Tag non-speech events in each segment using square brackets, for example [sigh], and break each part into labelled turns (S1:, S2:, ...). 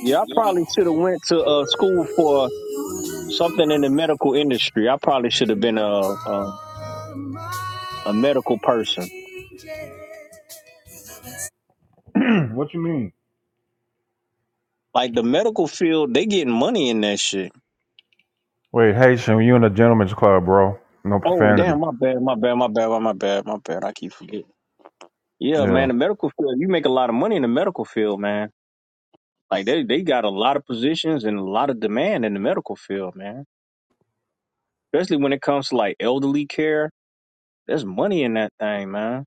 S1: Yeah, I probably should have went to uh, school for something in the medical industry. I probably should have been a, a a medical person.
S2: What you mean?
S1: Like the medical field, they getting money in that shit.
S2: Wait, Haitian, you in the gentleman's club, bro. No
S1: Oh
S2: profanity.
S1: damn, my bad, my bad, my bad, my bad, my bad. I keep forgetting. Yeah,
S2: Yeah.
S1: man, the medical field, you make a lot of money in the medical field, man. Like they they got a lot of positions and a lot of demand in the medical field, man. Especially when it comes to like elderly care, there's money in that thing, man.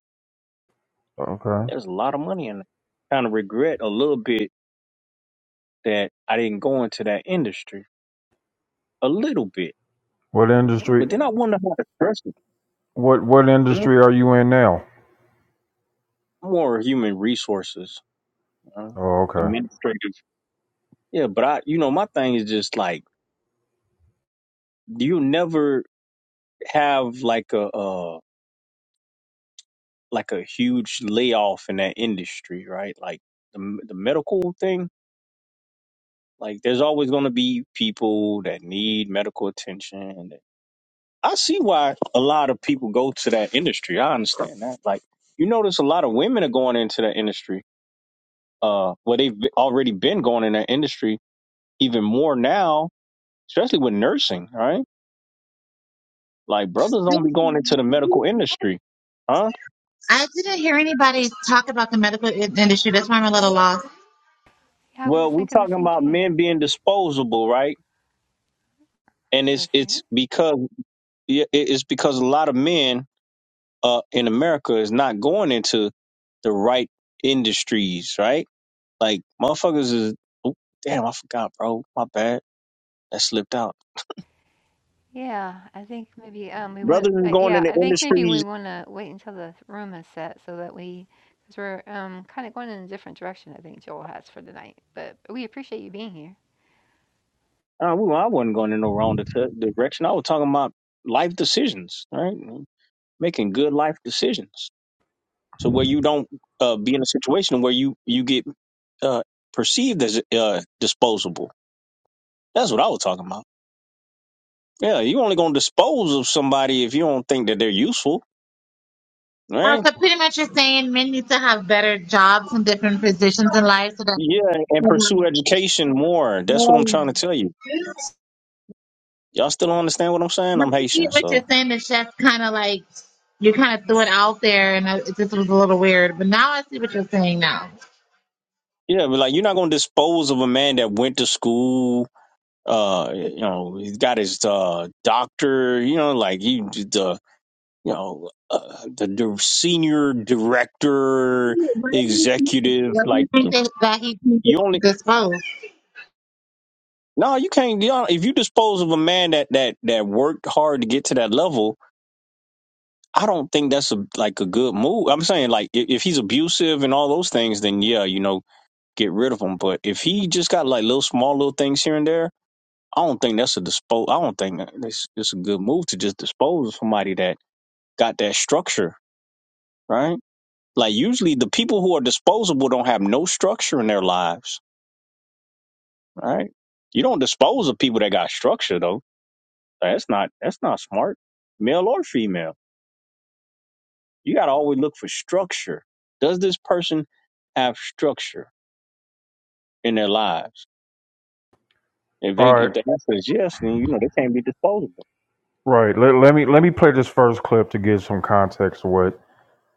S2: Okay.
S1: There's a lot of money in it. Kind of regret a little bit that I didn't go into that industry a little bit,
S2: What industry
S1: but then I wonder how to address it.
S2: what what
S1: Mm,
S2: industry are you in now?
S1: More human resources, uh,
S2: Oh, okay.
S1: administrative. Yeah, but I, you know, my thing is just like do you never have like a uh, like a huge layoff in that industry, right? Like the the medical thing. Like there's always going to be people that need medical attention. I see why a lot of people go to that industry. I understand that. Like you notice a lot of women are going into that industry uh well they've already been going in that industry even more now especially with nursing right like brothers don't be going into the
S3: Mm-hmm.
S1: medical industry huh
S3: I didn't hear anybody talk about the medical i- industry. That's why I'm a little lost.
S4: Yeah, I was
S1: well
S4: just
S1: we're
S4: thinking the
S1: talking
S4: same
S1: about
S4: thing.
S1: men being disposable right and it's
S4: Let's
S1: it's because yeah, it- it's because a lot of men uh in america is not going into the right industries right like motherfuckers is oh, damn i forgot bro my bad that slipped out
S4: Yeah, I think maybe um we want.
S1: brothers is
S4: Uh,
S1: going
S4: yeah,
S1: into
S4: I think maybe
S1: industries
S4: we want to wait until the room is set so that we, because we're um kind of going in a different direction. I think Joel has for the night, but we appreciate you being here.
S1: Uh, we, I wasn't going in no wrong di- direction. I was talking about life decisions, right? Making good life decisions. So where you don't uh, be in a situation where you you get uh, perceived as uh, disposable. That's what I was talking about. Yeah, you only going to dispose of somebody if you don't think that they're useful,
S3: Uh,
S1: right?
S3: so pretty much you're saying men need to have better jobs and different positions in life so that.
S1: Yeah, and
S3: Oh.
S1: pursue education more. That's what I'm
S3: No,
S1: trying to tell you. Y'all still don't understand what I'm saying?
S3: I
S1: I'm
S3: get
S1: Haitian,
S3: what
S1: so
S3: you're saying. The chef kind of like you kind of threw it out there, and I, it just was a little weird. But now I see what you're saying now.
S1: yeah, but like you're not going to dispose of a man that went to school uh you know he's got his uh doctor you know like he the you know uh, the, the senior
S3: How do
S1: director
S3: you, why do you think that?
S1: executive
S3: Why do
S1: like
S3: you think that, that he can be
S1: you only
S3: disposed?
S1: no you can't you know, if you dispose of a man that that that worked hard to get to that level i don't think that's a like a good move i'm saying like if, if he's abusive and all those things then yeah you know get rid of him but if he just got like little small little things here and there I don't think that's a dispose. I don't think that- it's, it's a good move to just dispose of somebody that got that structure, right? Like usually the people who are disposable don't have no structure in their lives, right? You don't dispose of people that got structure though. That's not that's not smart, male or female. You got to always look for structure. Does this person have structure in their lives? If
S2: All
S1: they if
S2: right.
S1: the answer is yes, then you know they can't be disposable.
S2: Right. Let, let me let me play this first clip to give some context of what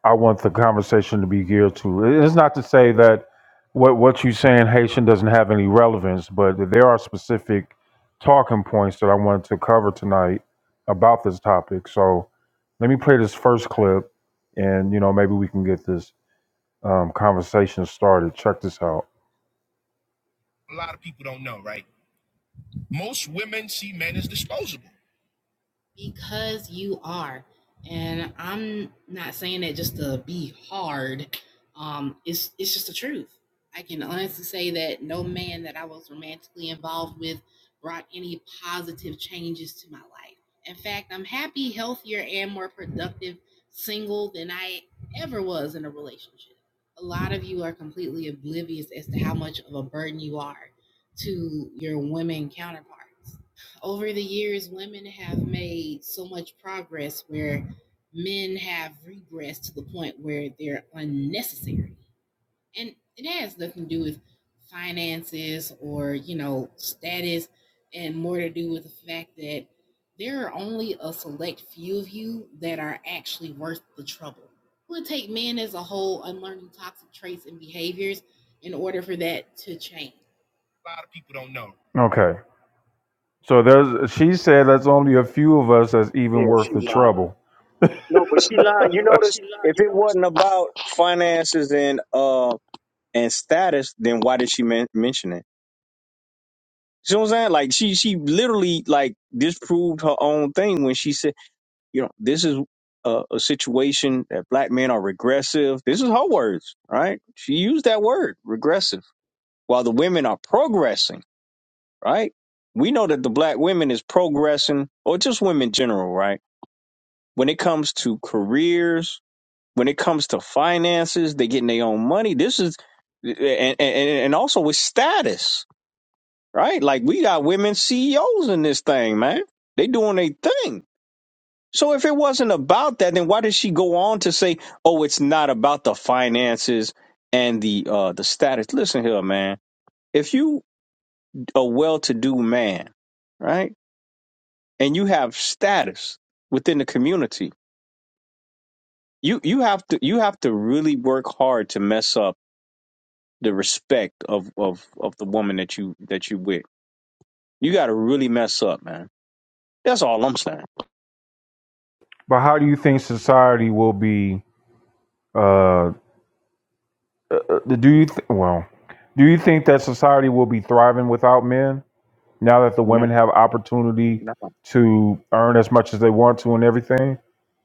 S2: I want the conversation to be geared to. It's not to say that what what you're saying Haitian doesn't have any relevance, but there are specific talking points that I wanted to cover tonight about this topic. So let me play this first clip, and you know maybe we can get this um, conversation started. Check this out. Okay. So there's she said that's only a few of us that's
S1: Yeah,
S2: even worth
S1: she
S2: the
S1: lied.
S2: trouble. [laughs]
S1: No, but she lied. You notice
S2: but
S1: if it wasn't about finances and uh and status, then why did she men- mention it? You know what I'm saying? Like she she literally like disproved her own thing when she said, you know, this is a, a situation that black men are regressive. This is her words, right? She used that word, regressive, while the women are progressing, right? We know that the black women is progressing, or just women general, right? When it comes to careers, when it comes to finances, they getting their own money. This is and and, and also with status right? Like we got women CEOs in this thing, man. They doing their thing. So if it wasn't about that, then why did she go on to say, "Oh, it's not about the finances and the uh the status"? Listen here, man. If you a well-to-do man, right, and you have status within the community, you you have to you have to really work hard to mess up the respect of of of the woman that you that you with. You got to really mess up, man. That's all I'm saying.
S2: how do you think society will be? uh, Do you th- well? Do you think that society will be thriving without men now that the women
S1: No.
S2: have opportunity to earn as much as they want to and everything?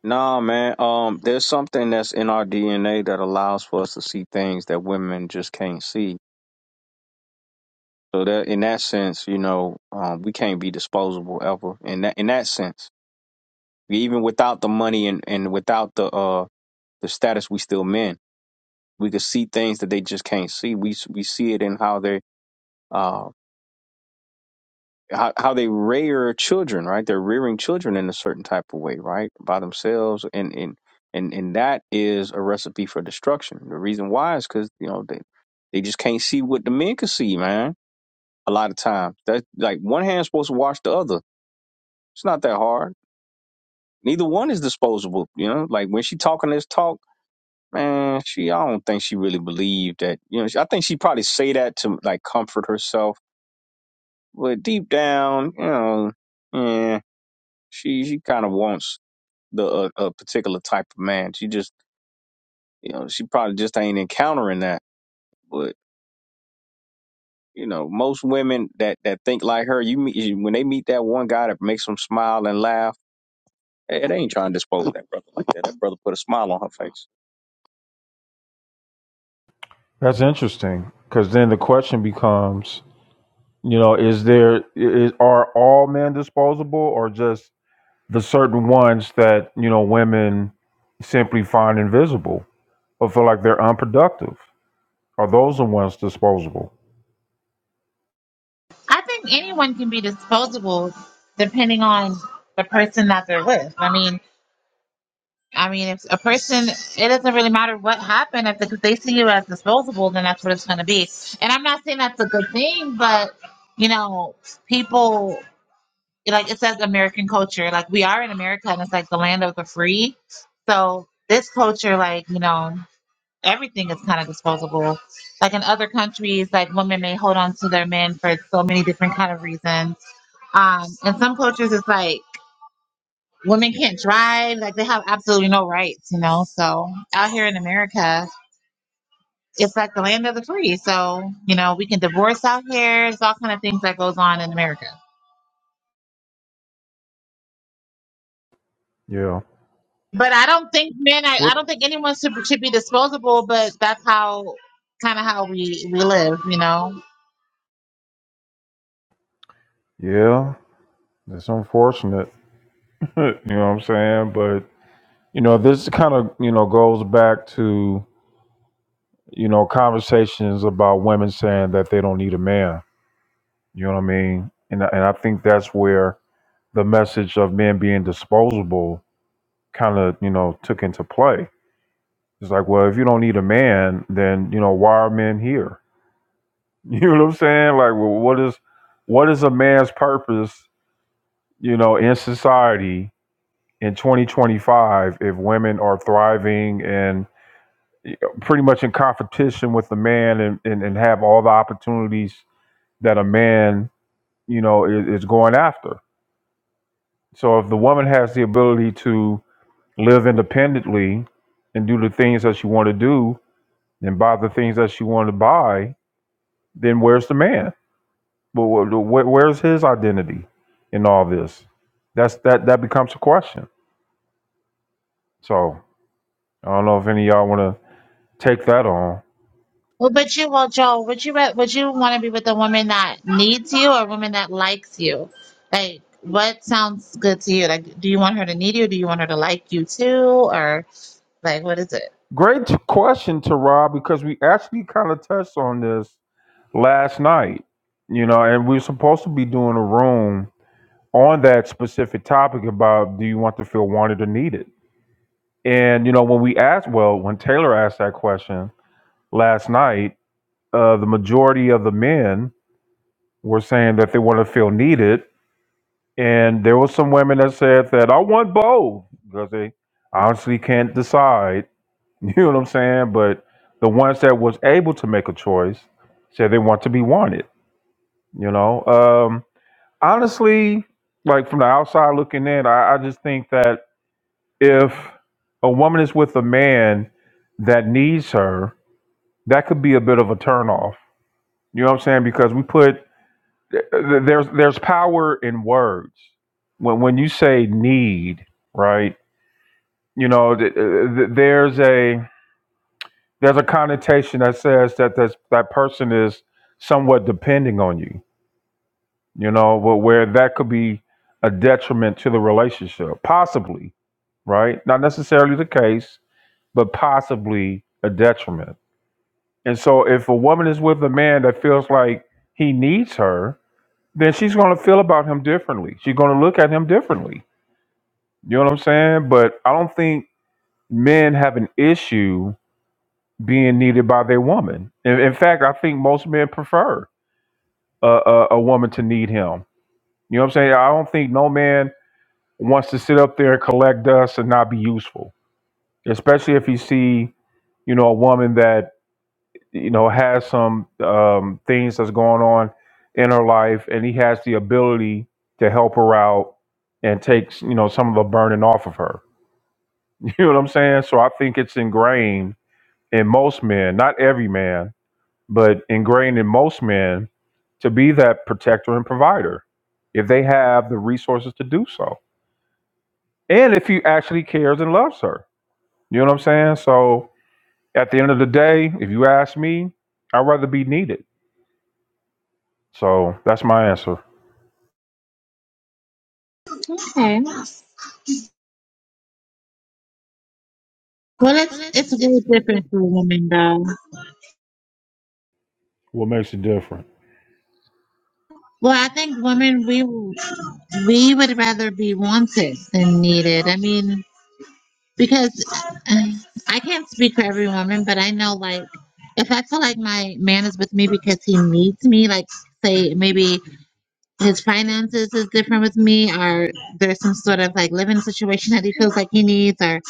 S1: Nah, man. Um, there's something that's in our DNA that allows for us to see things that women just can't see. So that, in that sense, you know, um, we can't be disposable ever. In that, in that sense, even without the money and and without the uh the status, we still men. We could see things that they just can't see. We s- we see it in how they um how, how they rear children, right? They're rearing children in a certain type of way, right? By themselves. And, and, and, and that is a recipe for destruction. The reason why is because, you know, they, they just can't see what the men can see, man. A lot of times that like one hand's supposed to wash the other. It's not that hard. Neither one is disposable. You know, like when she talking this talk, man, she, I don't think she really believed that, you know, I think she probably say that to like comfort herself, but deep down, you know, yeah. She she kind of wants the a, a particular type of man. She just you know she probably just ain't encountering that. But you know most women that that think like her, you meet when they meet that one guy that makes them smile and laugh. Hey, they ain't trying to dispose of that brother like that. That brother put a smile on her face.
S2: That's interesting because then the question becomes, you know, is there is, are all men disposable or just the certain ones that you know women simply find invisible or feel like they're unproductive? Are those the ones disposable?
S3: I think anyone can be disposable depending on the person that they're with. I mean, I mean, if a person, it doesn't really matter what happened. If they they see you as disposable, then that's what it's going to be. And I'm not saying that's a good thing, but you know, people like it says American culture. Like we are in America, and it's like the land of the free. So this culture, like you know, everything is kind of disposable. Like in other countries, like women may hold on to their men for so many different kind of reasons. Um, in some cultures, it's like women can't drive, like they have absolutely no rights, you know. So out here in America, it's like the land of the free. So, you know, we can divorce out here. It's all kind of things that goes on in America.
S2: Yeah.
S3: But I don't think men I, I
S2: What?
S3: don't think anyone should, should be disposable, but that's how kind of how we, we live, you know.
S2: Yeah. That's unfortunate. Right, You know what I'm saying? But you know, this kind of you know goes back to you know conversations about women saying that they don't need a man. You know what I mean? And I- and I think that's where the message of men being disposable kind of you know took into play. It's like, well, if you don't need a man, then you know why are men here? [laughs] You know what I'm saying? Like, well, what is what is a man's purpose? You know, in society in 2025, if women are thriving and pretty much in competition with the man and, and, and have all the opportunities that a man, you know, is, is going after. So if the woman has the ability to live independently and do the things that she want to do and buy the things that she want to buy, then where's the man? Well, where's his identity in all this? That's that that becomes a question. So I don't know if any of y'all want to take that on.
S3: Well, but you, well, Joel, would you re- would you want to be with a woman that needs you or a woman that likes you? Like, what sounds good to you? Like, do you want her to need you? Do you want her to like you too? Or like, what is it?
S2: Great question, Tara, because we actually kind of touched on this last night, you know, and we were supposed to be doing a room on that specific topic about do you want to feel wanted or needed? And, you know, when we asked, well, when Taylor asked that question last night, uh, the majority of the men were saying that they want to feel needed. And there were some women that said that I want both because they honestly can't decide [laughs] You know what I'm saying? But the ones that was able to make a choice said they want to be wanted. You know, um, honestly, like from the outside looking in, I, I just think that if a woman is with a man that needs her, that could be a bit of a turnoff. You know what I'm saying? Because we put th- th- there's there's power in words. When when you say need, right? You know, th- th- there's a there's a connotation that says that this, that person is somewhat depending on you, you know, where, where that could be a detriment to the relationship, possibly, right? Not necessarily the case, but possibly a detriment. And so if a woman is with a man that feels like he needs her, then she's going to feel about him differently. She's going to look at him differently. You know what I'm saying? But I don't think men have an issue being needed by their woman. In, in fact, I think most men prefer a, a, a woman to need him. You know what I'm saying? I don't think no man wants to sit up there and collect dust and not be useful, especially if you see, you know, a woman that you know has some um, things that's going on in her life, and he has the ability to help her out and takes you know some of the burden off of her. [laughs] You know what I'm saying? So I think it's ingrained in most men, not every man, but ingrained in most men to be that protector and provider if they have the resources to do so. And if he actually cares and loves her. You know what I'm saying? So at the end of the day, if you ask me, I'd rather be needed. So that's my answer.
S3: Okay. Well,
S2: Well,
S3: it's
S2: it's
S3: it's very
S2: it's very
S3: different for women, though.
S2: What makes it different?
S3: Well, I think women we we would rather be wanted than needed. I mean, because uh, I can't speak for every woman, but I know like if I feel like my man is with me because he needs me, like say maybe his finances is different with me, or there's some sort of like living situation that he feels like he needs, or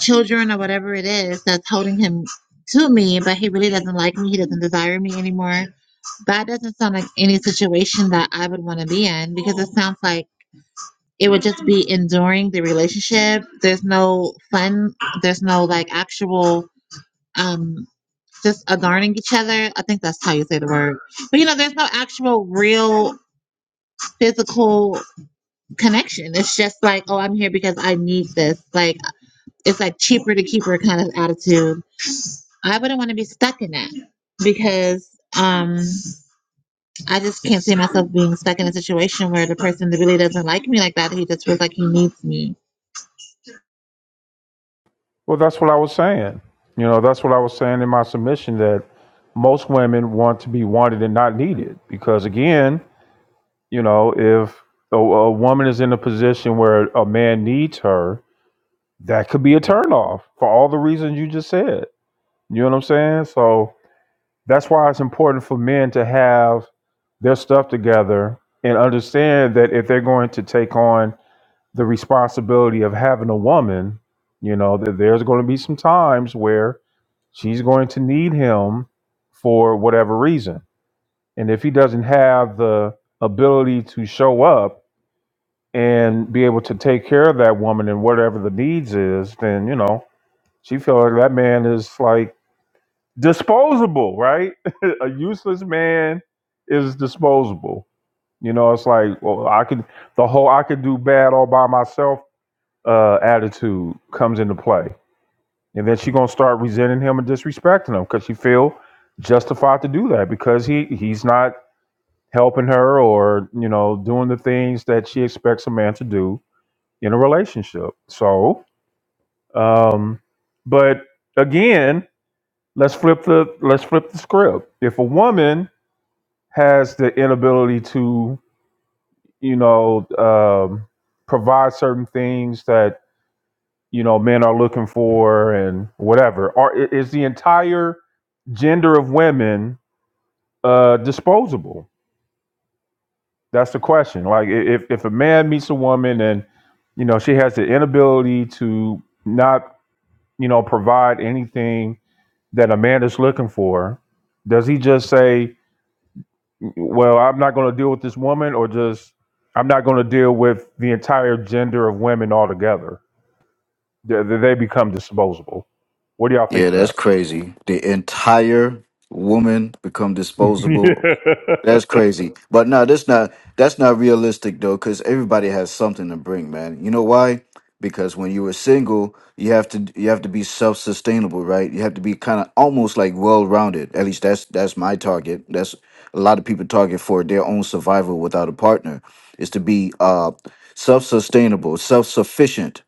S3: children or whatever it is that's holding him to me, but he really doesn't like me, he doesn't desire me anymore That doesn't sound like any situation that I would want to be in because it sounds like it would just be enduring the relationship. There's no fun. There's no like actual um just adorning each other. I think that's how you say the word. But you know, there's no actual real physical connection. It's just like, oh, I'm here because I need this. Like it's like cheaper to keep her kind of attitude. I wouldn't want to be stuck in that because um I just can't see myself being stuck in a situation where the person that really doesn't like me like that, he just feels like he needs me.
S2: Well, that's what I was saying. You know, that's what I was saying in my submission that most women want to be wanted and not needed. Because again, you know, if a, a woman is in a position where a man needs her, that could be a turnoff for all the reasons you just said. You know what I'm saying? So that's why it's important for men to have their stuff together and understand that if they're going to take on the responsibility of having a woman, you know, that there's going to be some times where she's going to need him for whatever reason. And if he doesn't have the ability to show up and be able to take care of that woman and whatever the needs is, then, you know, she feels like that man is like disposable, right? [laughs] a useless man is disposable. You know, it's like, well, I could the whole I could do bad all by myself uh, attitude comes into play, and then she's gonna start resenting him and disrespecting him because she feel justified to do that because he he's not helping her or you know doing the things that she expects a man to do in a relationship. So, um, but again, let's flip the let's flip the script. If a woman has the inability to you know um, provide certain things that you know men are looking for and whatever Are i- is the entire gender of women uh disposable that's the question like i- if if a man meets a woman and you know she has the inability to not you know provide anything that a man is looking for does he just say well i'm not going to deal with this woman or just i'm not going to deal with the entire gender of women altogether they, they become disposable what do y'all
S5: Yeah,
S2: think of that
S5: that's crazy. The entire woman become
S2: [laughs]
S5: disposable. That's crazy. But no, that's not that's not realistic though, because everybody has something to bring, man. You know why? Because when you were single, you have to you have to be self sustainable, right? You have to be kind of almost like well rounded. At least that's that's my target. That's a lot of people target for their own survival without a partner is to be uh self sustainable, self sufficient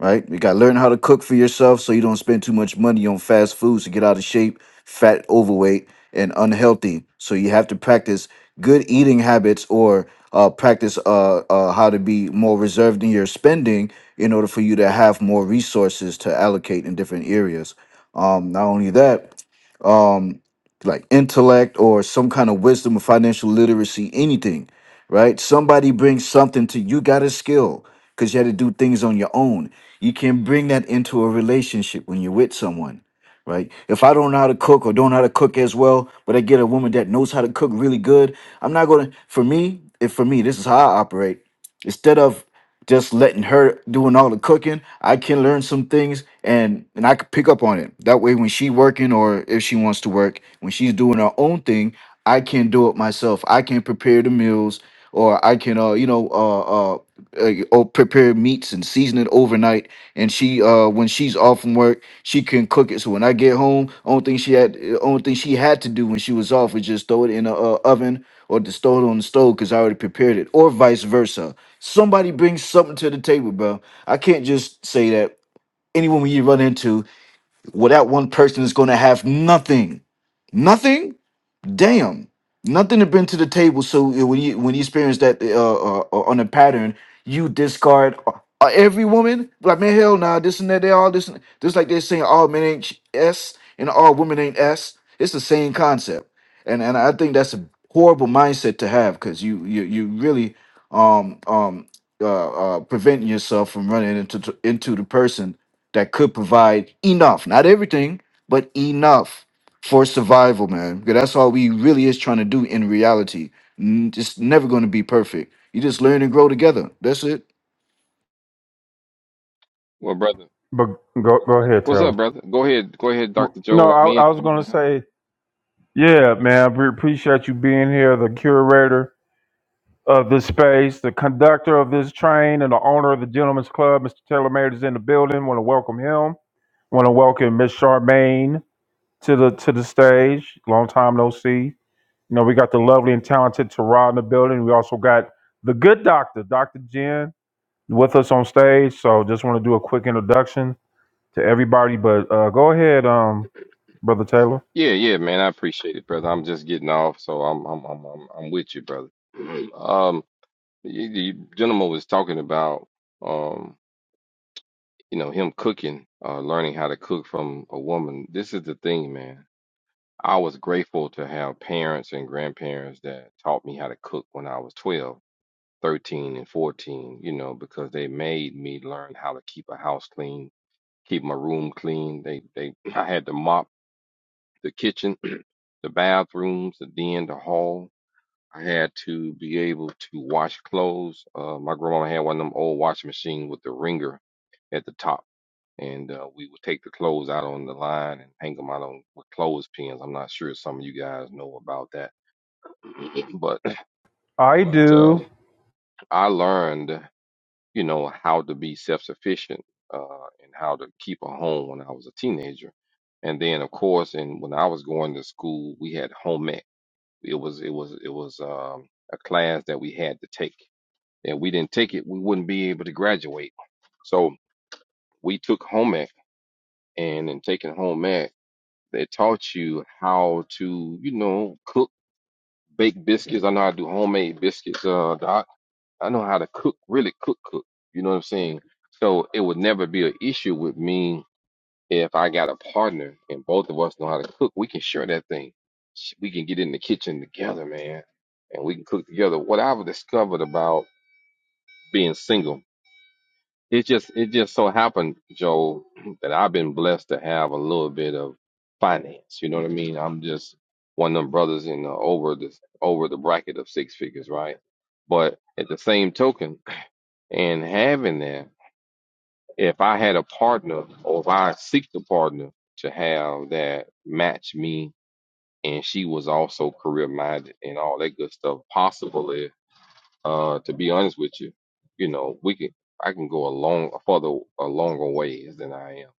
S5: right? You got to learn how to cook for yourself so you don't spend too much money on fast foods to get out of shape, fat, overweight, and unhealthy. So you have to practice good eating habits or uh, practice uh, uh, how to be more reserved in your spending in order for you to have more resources to allocate in different areas. Um, not only that, um, like intellect or some kind of wisdom or financial literacy, anything, right? Somebody brings something to you, got a skill because you had to do things on your own. You can bring that into a relationship when you're with someone, right? If I don't know how to cook or don't know how to cook as well, but I get a woman that knows how to cook really good, I'm not going to, for me, if for me, this is how I operate. Instead of just letting her doing all the cooking, I can learn some things and and I could pick up on it. That way when she working or if she wants to work, when she's doing her own thing, I can do it myself. I can prepare the meals or I can uh you know uh uh uh, or prepare meats and season it overnight and she uh when she's off from work she can cook it so when i get home only thing she had uh, only thing she had to do when she was off was just throw it in a uh, oven or just throw it on the stove because i already prepared it or vice versa Somebody brings something to the table, bro. I can't just say that anyone we run into without one person is going to have nothing. Nothing? damn, nothing to bring to the table. So uh, when you when you experience that uh, uh uh, on a pattern, you discard uh, uh, every woman. Like man, hell nah, this and that. They all this. And, just like they're saying all men ain't s and all women ain't s. It's the same concept, and and I think that's a horrible mindset to have because you you you really um um uh, uh preventing yourself from running into into the person that could provide enough, not everything, but enough for survival, man. Because that's all we really is trying to do in reality. N- It's never going to be perfect. You just learn and grow together. That's it.
S6: Well, brother,
S2: But go go ahead,
S6: what's up,
S2: Taylor.
S6: brother? Go ahead, go ahead,
S2: W-
S6: Dr.
S2: No,
S6: Joel. I'm
S2: I, I
S6: in,
S2: was
S6: I'm in
S2: gonna
S6: the house.
S2: say, yeah, man. We appreciate you being here, the curator of this space, the conductor of this train, and the owner of the gentleman's Club. Mr. Taylor Mayer is in the building. Want to welcome him. Want to welcome Miss Charmaine to the to the stage. Long time no see. You know, we got the lovely and talented Tara in the building. We also got the good doctor, Doctor Jen, with us on stage. So, just want to do a quick introduction. to everybody. But uh, go ahead, um, brother Taylor.
S6: Yeah, yeah, man, I appreciate it, brother. I'm just getting off, so I'm, I'm, I'm, I'm, I'm with you, brother. [clears throat] Um, the the gentleman was talking about, um, you know, him cooking, uh, learning how to cook from a woman. This is the thing, man. I was grateful to have parents and grandparents that taught me how to cook when I was 12, 13, and 14, you know, because they made me learn how to keep a house clean keep my room clean. They they I had to mop the kitchen, [clears throat] the bathrooms, and then the hall. I had to be able to wash clothes. Uh, my grandma had one of them old washing machines with the wringer at the top, and uh, we would take the clothes out on the line and hang them out on with clothespins. I'm not sure if some of you guys know about that, [clears throat] but
S2: I
S6: but
S2: do.
S6: um, I learned. you know, how to be self sufficient uh, and how to keep a home when I was a teenager. And then, of course, and when I was going to school, we had home ec. It was it was it was um, a class that we had to take. And we didn't take it, we wouldn't be able to graduate. So we took home ec, and in taking home ec, they taught you how to, you know, cook, bake biscuits. I know how to do homemade biscuits. Uh, I know how to cook, really cook, cook. You know what I'm saying? So it would never be an issue with me if I got a partner and both of us know how to cook. We can share that thing. Sh- We can get in the kitchen together, man, and we can cook together. What I've discovered about being single, it just it just so happened, Joe, [clears throat] that I've been blessed to have a little bit of finance. You know what I mean? I'm just one of them brothers in the over the over the bracket of six figures, right? But at the same token, and having that, if I had a partner or if I seek a partner to have that match me and she was also career minded and all that good stuff, possibly, uh, to be honest with you, you know, we can I can go a long a further a longer ways than I am.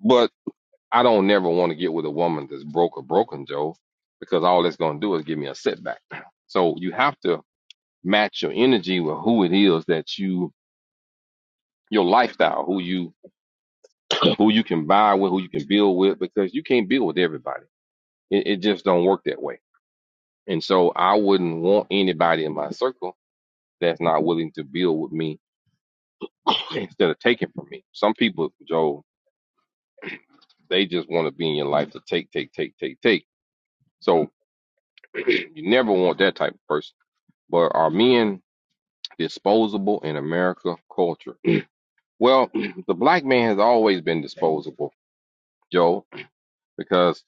S6: But I don't never want to get with a woman that's broke or broken, Joe, because all that's gonna do is give me a setback. [clears throat] So you have to match your energy with who it is that you your lifestyle, who you who you can buy with, who you can build with, because you can't build with everybody. It, it just don't work that way. And so I wouldn't want anybody in my circle that's not willing to build with me [clears throat] [coughs] instead of taking from me. Some people, Joe, they just want to be in your life to take, take, take, take, take. So [clears throat] you never want that type of person. But are men disposable in America culture? Well, [clears throat] the black man has always been disposable, Joe, because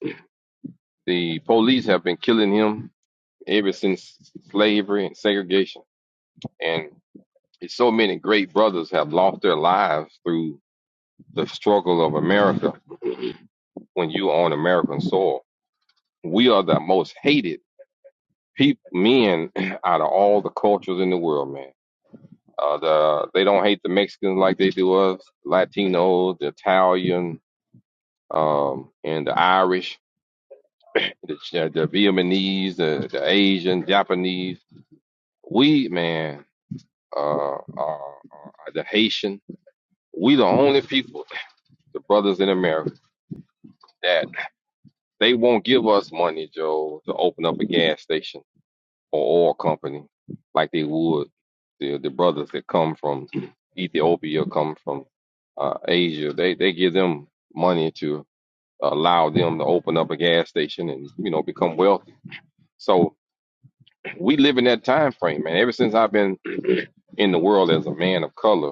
S6: the police have been killing him ever since slavery and segregation. And so many great brothers have lost their lives through the struggle of America when you are on American soil. We are the most hated people, men [clears throat] out of all the cultures in the world, man. Uh, the, they don't hate the Mexicans like they do us, Latinos, the Italian, um, and the Irish, the, the Vietnamese, the, the Asian, Japanese. We, man, uh, uh, uh, the Haitian. We the only people, the brothers in America, that they won't give us money, Joe, to open up a gas station or oil company like they would the the brothers that come from Ethiopia, come from uh, Asia. They they give them money to allow them to open up a gas station and you know become wealthy. So we live in that time frame, man. Ever since I've been in the world as a man of color,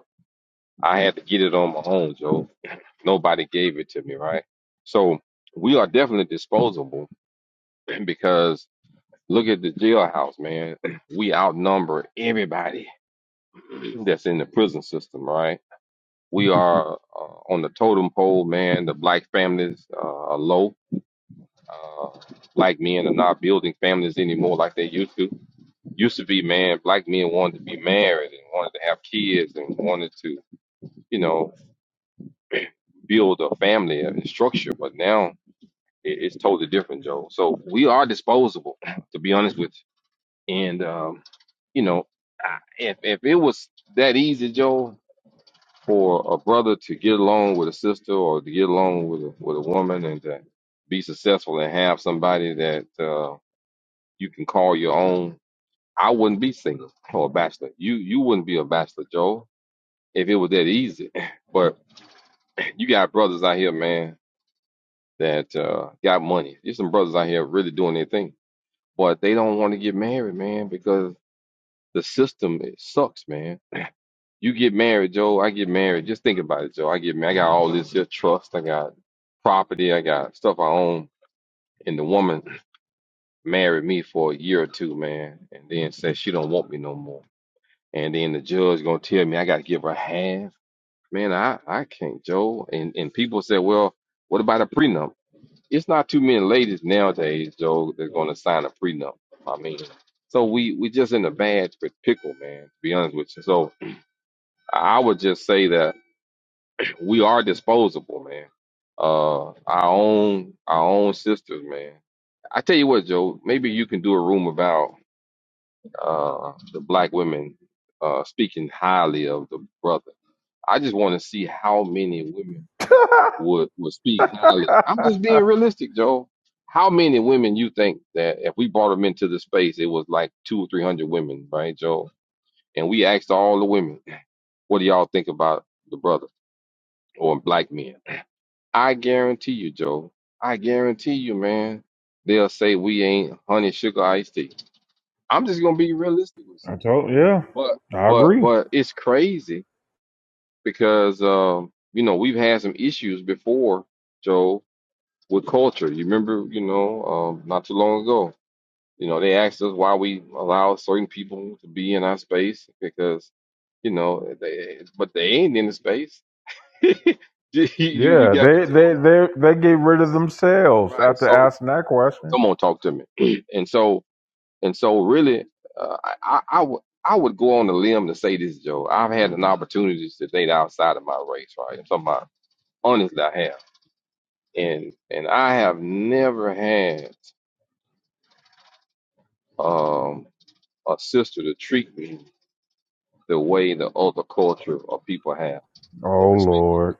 S6: I had to get it on my own, Joe. Nobody gave it to me, right? So we are definitely disposable [clears throat] because look at the jailhouse, man. [clears throat] We outnumber everybody [clears throat] that's in the prison system, right? We are uh, on the totem pole, man. The black families uh, are low. Uh, black men are not building families anymore like they used to. Used to be, man, black men wanted to be married and wanted to have kids and wanted to, you know, [clears throat] build a family and structure. But now It, it's totally different, Joe. So we are disposable, to be honest with you. And um, you know, I- if if it was that easy, Joe, for a brother to get along with a sister or to get along with a, with a woman and to be successful and have somebody that uh, you can call your own, I wouldn't be single or a bachelor. You you wouldn't be a bachelor, Joe, if it was that easy. [laughs] But you got brothers out here, man, that uh, got money. There's some brothers out here really doing their thing But they don't want to get married, man, because the system it sucks, man. You get married, Joe. I get married. Just think about it, Joe. I get married. I got all this here trust. I got property. I got stuff I own. And the woman married me for a year or two, man, and then said she don't want me no more. And then the judge gonna tell me I gotta give her half. Man, I I can't, Joe. And and people say, well, what about a prenup? it's not too many ladies nowadays, Joe, that's going to sign a prenup. I mean, so we we just in a bad p- pickle, man. To be honest with you, so I would just say that [clears throat] we are disposable, man. Uh, our own our own sisters, man. I tell you what, Joe, maybe you can do a room about uh the black women uh speaking highly of the brother. I just want to see how many women
S2: [laughs] I
S6: would would speak highly. I'm just being realistic, Joe. How many women you think that if we brought them into the space, it was like two or three hundred women, right, Joe? And we asked all the women, what do y'all think about the brother or black men? I guarantee you, Joe. I guarantee you, man. They'll say we ain't honey sugar iced tea. I'm just gonna be realistic with you.
S2: told yeah,
S6: But
S2: I
S6: but
S2: agree.
S6: but it's crazy because um, you know, we've had some issues before, Joe. with culture. You remember, you know, um, not too long ago, you know, they asked us why we allow certain people to be in our space because, you know, they, but they ain't in the space. [laughs] you, you you
S2: Yeah,
S6: got me,
S2: they they
S6: Joe?
S2: they they get rid of themselves
S6: Right.
S2: after
S6: So
S2: asking that question.
S6: come on, talk to me. [clears throat] and so and so, really, uh, I, I I would I would go on the limb to say this, Joe. I've had an opportunity to date outside of my race, right? I'm talking about honestly, I have, and and I have never had Um, or sister to treat me the way the other culture or people have and
S2: Oh
S6: respected me.
S2: Lord.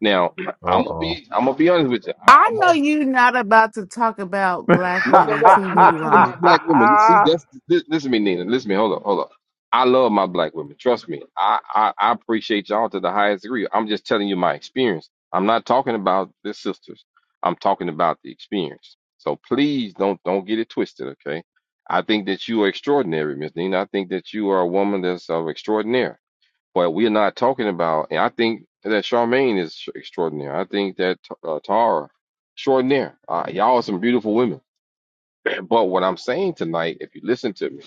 S6: Now, [clears throat]
S2: Uh
S6: I'm gonna
S2: oh.
S6: be I'm gonna be honest with you. I,
S7: I
S6: I'm
S7: know
S6: gonna
S7: you're not about to talk about
S2: [laughs]
S7: black
S6: no no
S7: women
S6: no. I'm
S7: treating
S6: not
S7: you
S6: talking about
S7: wrong,
S6: black women. See, that's this, listen to me, Nina. Listen to me. Hold up, hold up. I love my black women. Trust me. I, I I appreciate y'all to the highest degree. I'm just telling you my experience. I'm not talking about the sisters. I'm talking about the experience. So please don't don't get it twisted, okay? I think that you are extraordinary, Miss Nina. I think that you are a woman that's of extraordinary. But we're not talking about, and I think that Charmaine is extraordinary. I think that uh, Tara, extraordinary. Uh, y'all are some beautiful women. [clears throat] But what I'm saying tonight, if you listen to me,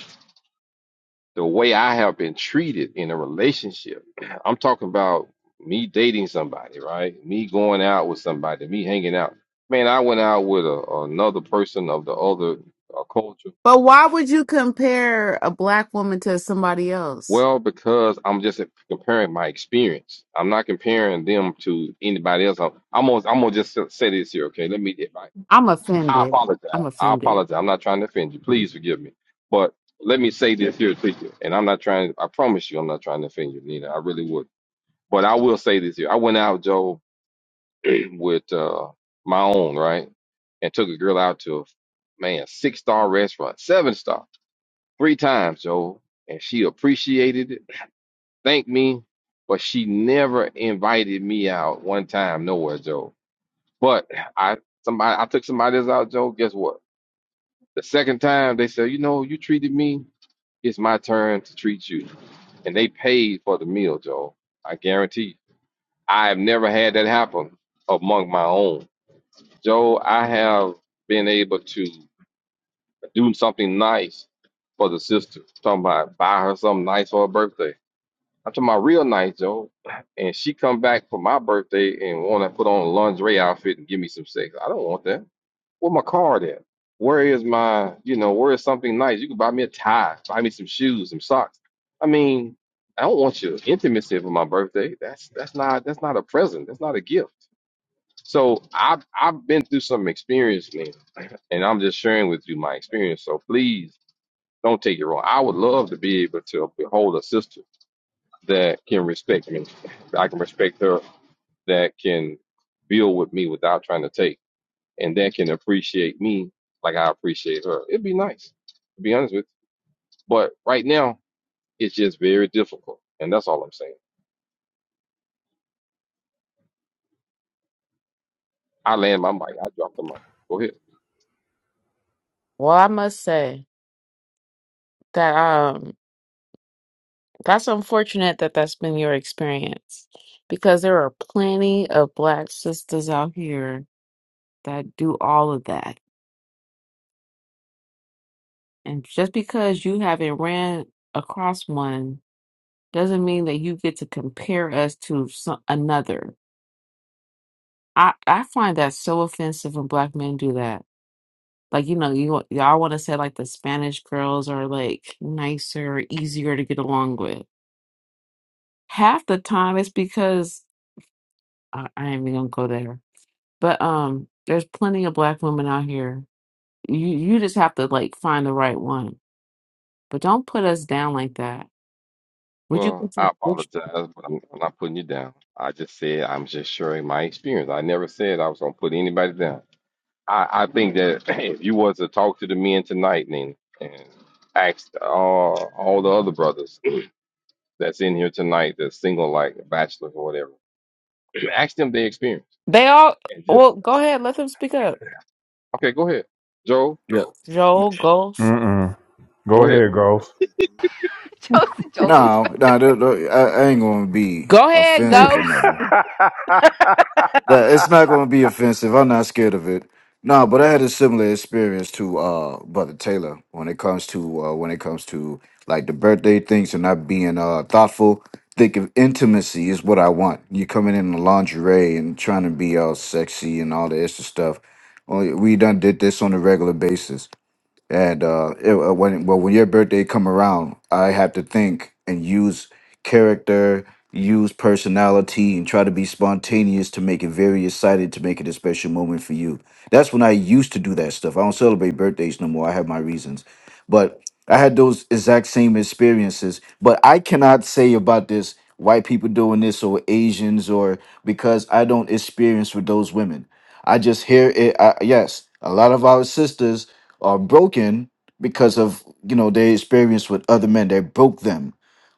S6: the way I have been treated in a relationship, [clears throat] I'm talking about me dating somebody, right? Me going out with somebody, me hanging out. Man, I went out with a, another person of the other uh, culture
S7: but why would you compare a black woman to somebody else?
S6: Well, because I'm just comparing my experience. I'm not comparing them to anybody else. I'm, I'm gonna I'm gonna just say this here, okay? Let me. I,
S7: I'm offended.
S6: apologize.
S7: I'm
S6: I
S7: offended.
S6: apologize. I'm not trying to offend you. Please forgive me. But let me say this here please. and I'm not trying. I promise you, I'm not trying to offend you, Nina. I really would. But I will say this here. I went out, Joe, [clears throat] with uh, my own right, and took a girl out to a man six star restaurant, seven star, three times, Joe, and she appreciated it thank me, but she never invited me out one time nowhere, Joe. But I somebody I took somebody else out, Joe. Guess what? The second time they said, you know, you treated me. It's my turn to treat you, and they paid for the meal, Joe. I guarantee. You. I have never had that happen among my own, Joe. I have been able to do something nice for the sister. Talking about buy her something nice for her birthday. I'm talking about real nice, Joe. And she come back for my birthday and want to put on a lingerie outfit and give me some sex. I don't want that. Where my card at? Where is my, you know, where is something nice? You can buy me a tie, buy me some shoes, some socks. I mean, I don't want your intimacy for my birthday. That's that's not that's not a present. That's not a gift. So I've I've been through some experience, man, and I'm just sharing with you my experience. So please don't take it wrong. I would love to be able to behold a sister that can respect me. I can respect her that can build with me without trying to take and that can appreciate me like I appreciate her. It'd be nice, to be honest with you. But right now, it's just very difficult. And that's all I'm saying. I land my mic. I drop the mic. Go ahead.
S7: Well, I must say that um that's unfortunate that that's been your experience because there are plenty of black sisters out here that do all of that. And just because you haven't ran across one doesn't mean that you get to compare us to some, another. I I find that so offensive when black men do that. Like you know, you wa- y'all want to say like the Spanish girls are like nicer, easier to get along with. Half the time, it's because I, I ain't even gonna go there. But um, there's plenty of black women out here. You you just have to like find the right one. But don't put us down like that. Would you?
S6: Well,
S7: put
S6: I
S7: your- Would you
S6: apologize, but I'm, I'm not putting you down. I just said I'm just sharing my experience. I never said I was going to put anybody down. I, I think that [laughs] [clears throat] if you was to talk to the men tonight, Nina, and ask uh, all the other brothers [clears throat] that's in here tonight that's single, like a bachelor or whatever, [clears throat] ask them their experience
S7: they all.
S6: and just
S7: Well, go ahead. Let them speak up.
S6: okay. Go ahead, Joe.
S5: Yeah.
S7: Joel Ghost.
S2: Mm-mm. Go
S6: Go ahead,
S2: ahead, Ghost.
S4: [laughs] Joel, Joel knows
S5: No, no, th- th- I, I ain't gonna be
S7: Go ahead,
S5: offensive or
S7: Ghost.
S5: nothing.
S2: [laughs]
S5: That it's not gonna be offensive. I'm not scared of it. No, but I had a similar experience to uh brother Taylor when it comes to uh when it comes to like the birthday things and not being uh thoughtful. Think of intimacy is what I want. You coming in the lingerie and trying to be all sexy and all the extra stuff. Well, we done did this on a regular basis and uh, it, uh, when well when your birthday come around, I have to think and use character, use personality, and try to be spontaneous to make it very excited to make it a special moment for you. That's when I used to do that stuff. I don't celebrate birthdays no more. I have my reasons, but I had those exact same experiences. But I cannot say about this white people doing this or Asians or because I don't experience with those women. I just hear it. I, yes, a lot of our sisters are broken because of you know their experience with other men that broke them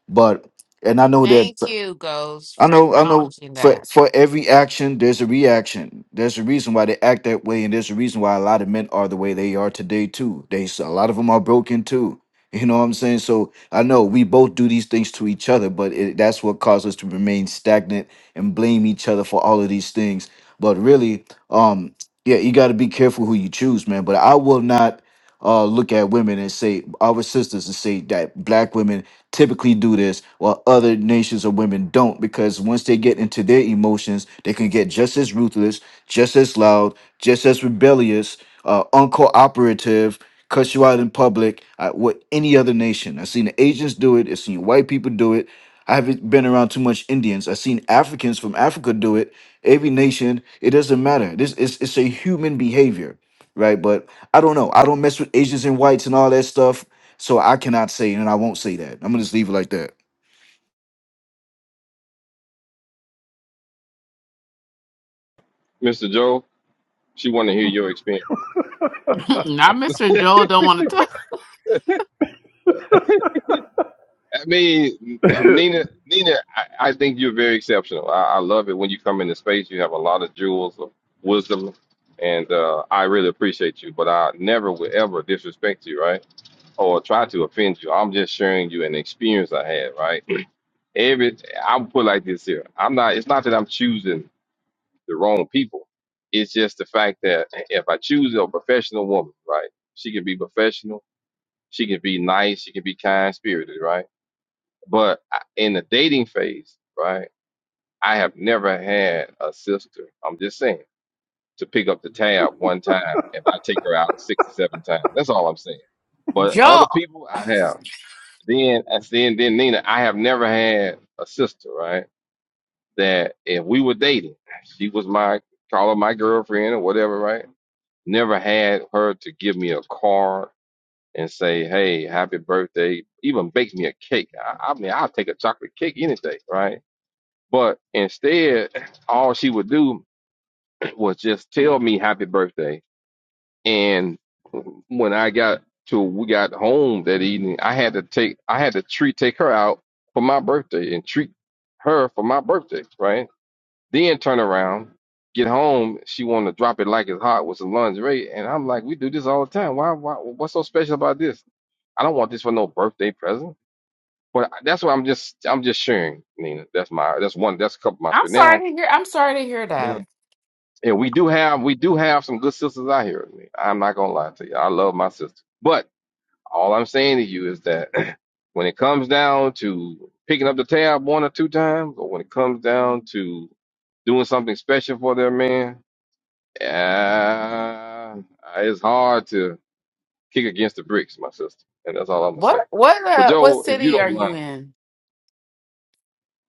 S5: but and i know that
S7: Thank you, Ghost,
S5: i
S7: for
S5: know i know
S7: acknowledging
S5: for
S7: that.
S5: for every action there's a reaction there's a reason why they act that way and there's a reason why a lot of men are the way they are today too they s- a lot of them are broken too [laughs] you know what i'm saying so i know we both do these things to each other but it, that's what caused us to remain stagnant and blame each other for all of these things but really um yeah you got to be careful who you choose man but i will not uh, look at women and say our sisters and say that black women typically do this while other nations of women don't because once they get into their emotions they can get just as ruthless just as loud just as rebellious uh, uncooperative cuss you out in public uh, with any other nation i've seen the asians do it i've seen white people do it i haven't been around too much indians i've seen africans from africa do it every nation it doesn't matter this is it's a human behavior right? But I don't know. I don't mess with Asians and whites and all that stuff, so I cannot say, and I won't say that. I'm gonna just leave it like that.
S6: Mister Joe. She want to hear your experience.
S7: [laughs] Not Mr. Joel don't want to talk.
S6: I mean, [clears throat] Nina, Nina, I, I think you're very exceptional. I, I love it when you come into space. You have a lot of jewels of wisdom, and uh, I really appreciate you. But I never would ever disrespect you, right? or try to offend you. I'm just sharing you an experience I had, right? Every I'll put it like this here. I'm not it's not that I'm choosing the wrong people. It's just the fact that if I choose a professional woman, right? She can be professional, she can be nice, she can be kind spirited, right? But I- in the dating phase, right? I have never had a sister. I'm just saying to pick up the tab one time and I take her out six or seven times. That's all I'm saying. But other
S7: Joel,
S6: people I have. Then, I then, then Nina, I have never had a sister, right? That if we were dating, she was my call her my girlfriend or whatever, right? Never had her to give me a card and say, "Hey, happy birthday," even bake me a cake. I, I mean, I'll take a chocolate cake any day, right? But instead, all she would do [clears throat] was just tell me happy birthday And when I got to we got home that evening, I had to take I had to treat take her out for my birthday and treat her for my birthday, right? Then turn around, get home, she wanted to drop it like it's hot with some lingerie, and I'm like, we do this all the time. Why why what's so special about this? I don't want this for no birthday present. But that's what I'm just I'm just sharing, Nina. That's my that's one that's a couple of my
S7: I'm
S6: spirit. Now
S7: sorry to hear. I'm sorry to hear that.
S6: now yeah, we do have we do have some good sisters out here. I'm not gonna lie to you. I love my sister. but All I'm saying to you is that [clears throat] when it comes down to picking up the tab one or two times, or when it comes down to doing something special for their man, uh, it's hard to kick against the bricks, my sister. And that's all I'm gonna
S7: What
S6: say.
S7: what
S6: But
S7: uh what
S6: Joe, if you
S7: city are
S6: don't
S7: you
S6: mind.
S7: in?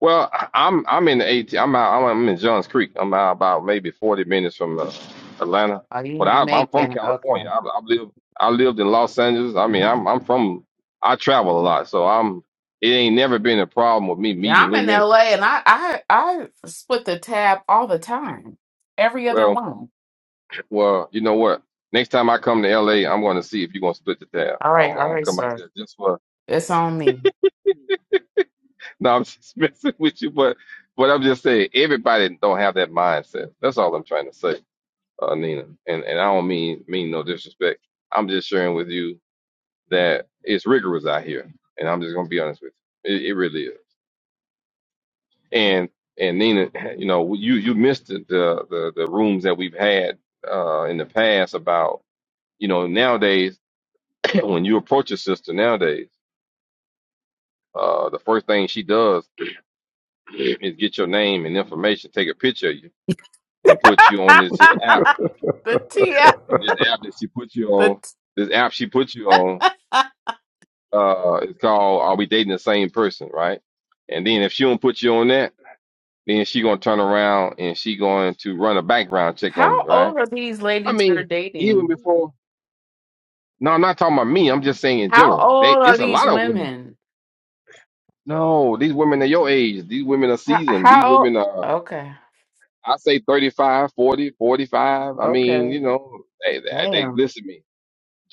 S6: Well, I- I'm I'm in the AT. I'm out. I'm in Johns Creek. I'm out about maybe 40 minutes from uh, Atlanta,
S7: Are you
S6: but I,
S7: in
S6: I'm from
S7: Macon? Okay.
S6: California. I, I live I lived in Los Angeles. I mean, I'm I'm from. I travel a lot, so I'm. It ain't never been a problem with me
S7: Yeah,
S6: meeting
S7: I'm in
S6: women.
S7: LA, and I I I split the tab all the time. Every other
S6: Well,
S7: one.
S6: well, you know what? Next time I come to LA, I'm going to see if you're going to split the tab.
S7: All
S6: I'm
S7: right,
S6: I'm
S7: all
S6: gonna
S7: right,
S6: come out
S7: sir.
S6: there just for. [laughs]
S7: It's on me.
S6: No, I'm just [laughs] messing with you, but but I'm just saying everybody don't have that mindset. That's all I'm trying to say. uh, Nina, and and I don't mean mean no disrespect. I'm just sharing with you that it's rigorous out here, and I'm just gonna be honest with you. It, it really is. And and Nina, [laughs] you know, you you missed the the the, the rooms that we've had uh, in the past about you know nowadays [coughs] [clears throat] when you approach your sister nowadays, uh, the first thing she does [coughs] [clears throat] is get your name and information, take a picture of you, and
S7: [laughs]
S6: put you on this here app.
S7: the T. F.
S6: And this app that she put you
S7: The
S6: on,
S7: t-
S6: this app she put you on. uh it's called Are We Dating the Same Person, right? And then if she don't put you on that, then she gonna turn around and she going to run a background
S7: [laughs]
S6: check
S7: how
S6: on you, right?
S7: old are these
S6: I
S7: ladies you're
S6: mean, even
S7: dating?
S6: before no, I'm not talking about me, I'm just saying in
S7: How
S6: general. They
S7: old are
S6: it's a
S7: these
S6: lot of women.
S7: women?
S6: No, these women are your age, these women are
S7: How,
S6: seasoned, these
S7: how old?
S6: women are
S7: Okay,
S6: I say 35, 40, 45. I mean,
S7: okay.
S6: you know, they they, they
S7: Damn.
S6: listen to me.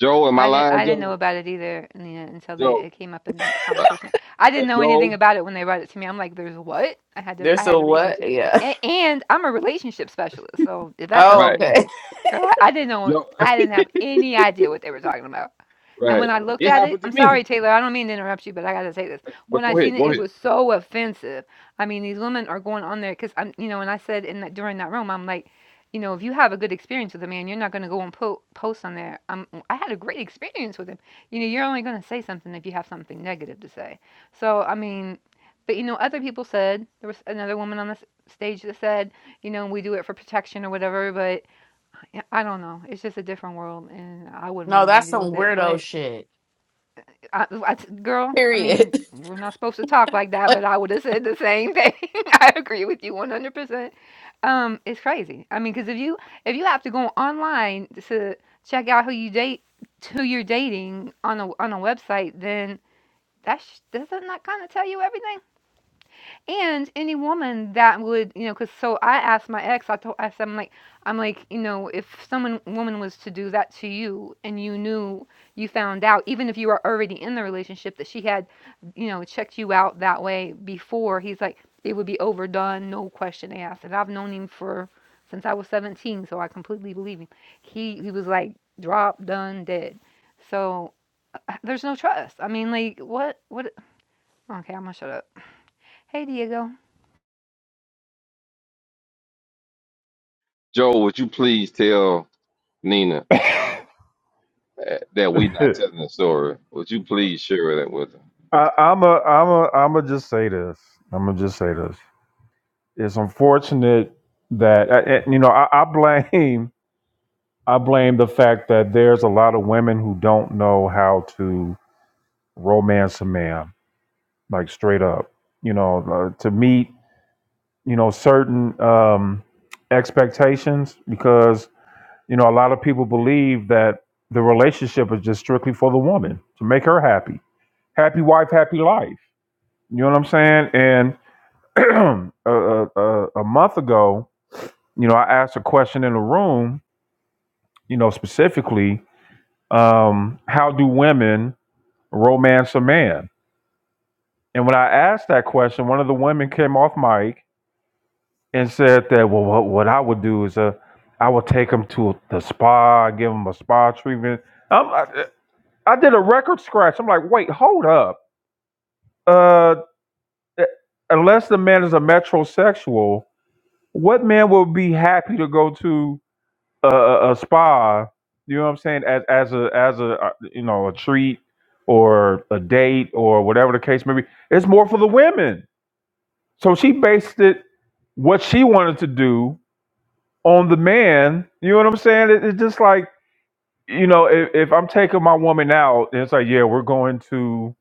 S6: Joe, am I
S4: I, did, I
S6: lying,
S4: didn't know
S6: Joe?
S4: about it either you know, until they,
S6: Joe,
S4: it came up in the
S6: right.
S4: conversation. I didn't
S6: Uh,
S4: know anything
S6: Joe,
S4: about it when they brought it to me. I'm like, there's what? I had to I
S7: There's
S4: had
S7: a
S4: to
S7: what?
S4: research it.
S7: Yeah.
S4: And, and I'm a relationship specialist, so if that tells
S7: Oh,
S4: you
S6: right.
S7: okay.
S4: anything,
S7: [laughs]
S4: girl, I, I didn't know
S6: Joe,
S4: I didn't have any idea what they were talking about.
S6: [laughs]
S4: And when
S6: right.
S4: I looked
S6: It
S4: at it,
S6: happened
S4: I'm
S6: to me.
S4: sorry, Taylor, I don't mean to interrupt you, but I gotta say this.
S6: But
S4: When I
S6: go ahead,
S4: seen it,
S6: go
S4: it
S6: ahead.
S4: was so offensive. I mean, these women are going on there because I'm, you know, and I said in that, during that room, I'm like, you know, if you have a good experience with a man, you're not gonna go and po- post on there. Um, I had a great experience with him. You know, you're only gonna say something if you have something negative to say. So I mean, but you know, other people said there was another woman on the stage that said, you know, we do it for protection or whatever. But yeah, I don't know. It's just a different world, and I wouldn't want
S7: No,
S4: anything
S7: that's
S4: to do
S7: some
S4: with it, but.
S7: weirdo shit.
S4: I, I t- girl, I
S7: Period.
S4: mean, we're not supposed to talk like
S7: [laughs]
S4: that, but I would have said the same thing. [laughs] I agree with you 100%. Um, it's crazy. I mean, because if you if you have to go online to check out who you date, who you're dating on a on a website, then that's doesn't that kind of tell you everything? And any woman that would, you know, because so I asked my ex, I told, I said, I'm like, I'm like, you know, if someone woman was to do that to you, and you knew, you found out, even if you were already in the relationship, that she had, you know, checked you out that way before. He's like, it would be overdone, no question asked. And I've known him for since I was 17, so I completely believe him. He he was like, drop, done, dead. So uh, there's no trust. I mean, like, what, what? Okay, I'm gonna shut up. Hey, Diego.
S6: Joel, would you please tell Nina uh, that we are not telling the story? Would you please share that with her?
S2: I, I'm a I'm a I'm a just say this. I'm gonna just say this. it's unfortunate that uh, uh, you know I, I blame [laughs] I blame the fact that there's a lot of women who don't know how to romance a man like straight up you know uh, to meet you know certain um, expectations because you know a lot of people believe that the relationship is just strictly for the woman to make her happy happy wife happy life you know what I'm saying and [clears throat] a, a, a a month ago You know, I asked a question in the room, you know, specifically, um, how do women romance a man? And when I asked that question, one of the women came off mic and said that, well, what, what I would do is uh, I would take him to the spa, give him a spa treatment. Um, I, I did a record scratch. I'm like, wait, hold up. Uh, eh, unless the man is a metrosexual, what man would be happy to go to? a, a, a spa. You know what I'm saying? As as a as a uh, you know a treat or a date or whatever the case may be. It's more for the women. So she based it what she wanted to do on the man. You know what I'm saying? It, it's just like you know if, if I'm taking my woman out, it's like yeah we're going to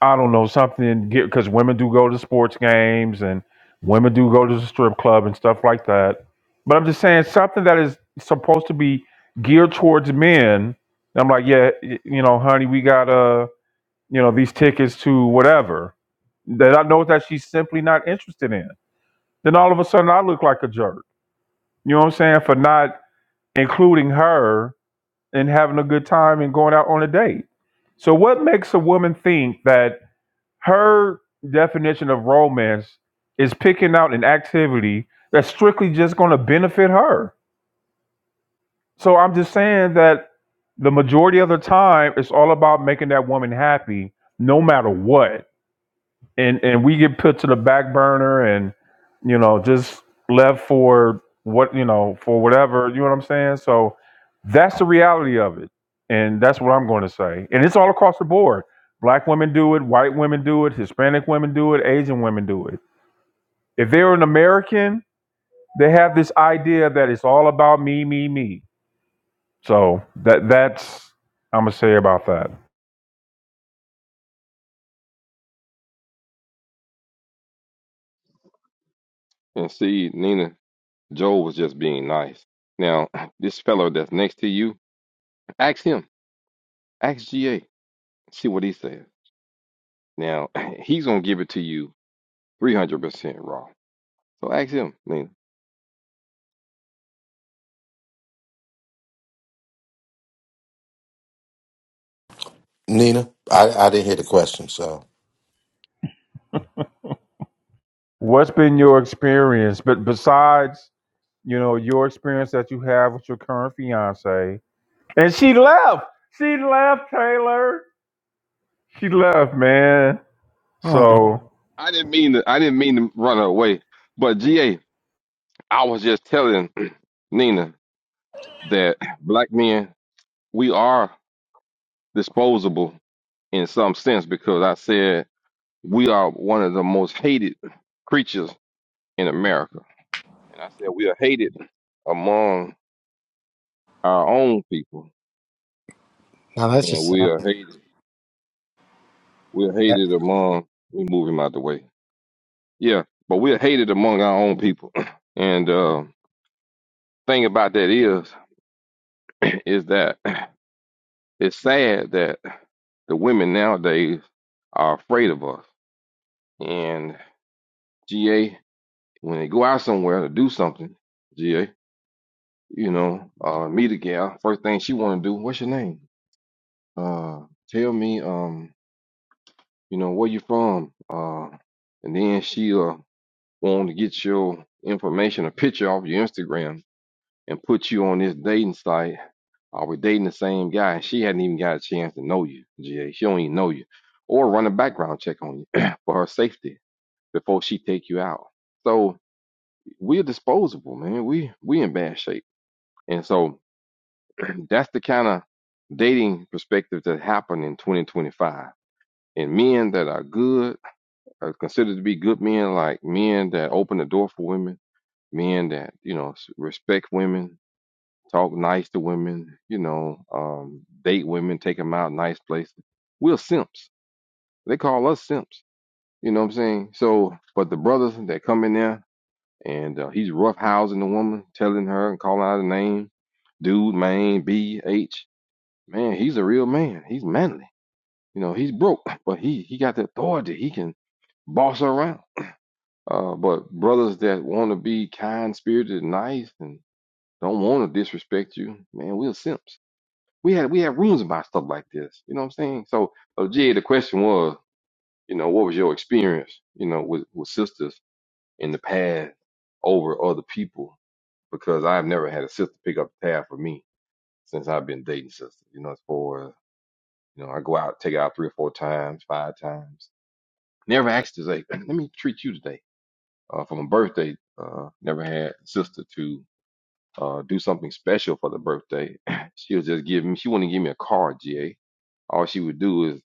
S2: I don't know something because women do go to sports games and women do go to the strip club and stuff like that. But I'm just saying something that is supposed to be geared towards men. I'm like, yeah, y- you know, honey, we got uh, you know, these tickets to whatever that I know that she's simply not interested in. Then all of a sudden, I look like a jerk. You know what I'm saying for not including her and having a good time and going out on a date. So what makes a woman think that? her definition of romance is picking out an activity that's strictly just going to benefit her. So I'm just saying that the majority of the time, it's all about making that woman happy, no matter what and and we get put to the back burner and you know just left for what you know for whatever you know what i'm saying so that's the reality of it and that's what i'm going to say and it's all across the board black women do it white women do it hispanic women do it asian women do it if they're an american they have this idea that it's all about me me me so that that's i'm going to say about that
S6: And see, Nina, Joel was just being nice. Now, [clears throat] this fellow that's next to you, ask him, ask GA, see what he says. Now, [clears throat] he's gonna give it to you 300% raw. So ask him, Nina.
S8: Nina, I, I didn't hear the question, so
S2: what's been your experience but besides you know, your experience that you have with your current fiance. And she left. She left, Taylor. She left, man.
S9: Oh, no.
S2: So,
S6: I didn't mean to, I didn't mean to run her away, but GA, I was just telling [clears throat] Nina that black men, we are disposable in some sense because I said we are one of the most hated creatures in America. And I said we are hated among our own people
S9: now that's
S6: and
S9: just
S6: we
S9: sad.
S6: are hated. We're hated among we move him out the way. Yeah. But we're hated among our own people. [clears throat] And uh thing about that is [clears throat] is that it's sad that the women nowadays are afraid of us. And GA, when they go out somewhere to do something, you know, uh, meet a gal. First thing she want to do, what's your name? Uh, tell me, um, you know, where you from? Uh, and then she'll want to get your information, a picture off your Instagram, and put you on this dating site. Are we dating the same guy? And she hadn't even got a chance to know you, GA. She don't even know you, or run a background check on you [clears throat] for her safety before she take you out. So we're disposable, man. We we in bad shape, and so That's the kind of dating perspective that happened in 2025. And men that are good are considered to be good men, like men that open the door for women, men that you know respect women, talk nice to women, you know, um, date women, take them out nice places. We're simps. They call us simps. You know what I'm saying? So, but the brothers that come in there and uh, he's roughhousing the woman, telling her and calling out her name, dude, man, B, H. Man, he's a real man. He's manly. You know, he's broke, but he he got the authority. He can boss around. Uh, but brothers that want to be kind spirited and nice and don't want to disrespect you, man, we're simps. We had we had rooms about stuff like this. You know what I'm saying? So, uh, Jay, the question was, you know, what was your experience, you know, with with sisters in the past over other people? Because I've never had a sister pick up the tab for me since I've been dating sisters. You know, as far as You know, I go out, take it out three or four times, five times. Never asked to say, let me treat you today. Uh, for my birthday, uh, never had a sister to uh, do something special for the birthday. [clears throat] She'll just give me, she wouldn't give me a card, GA. All she would do is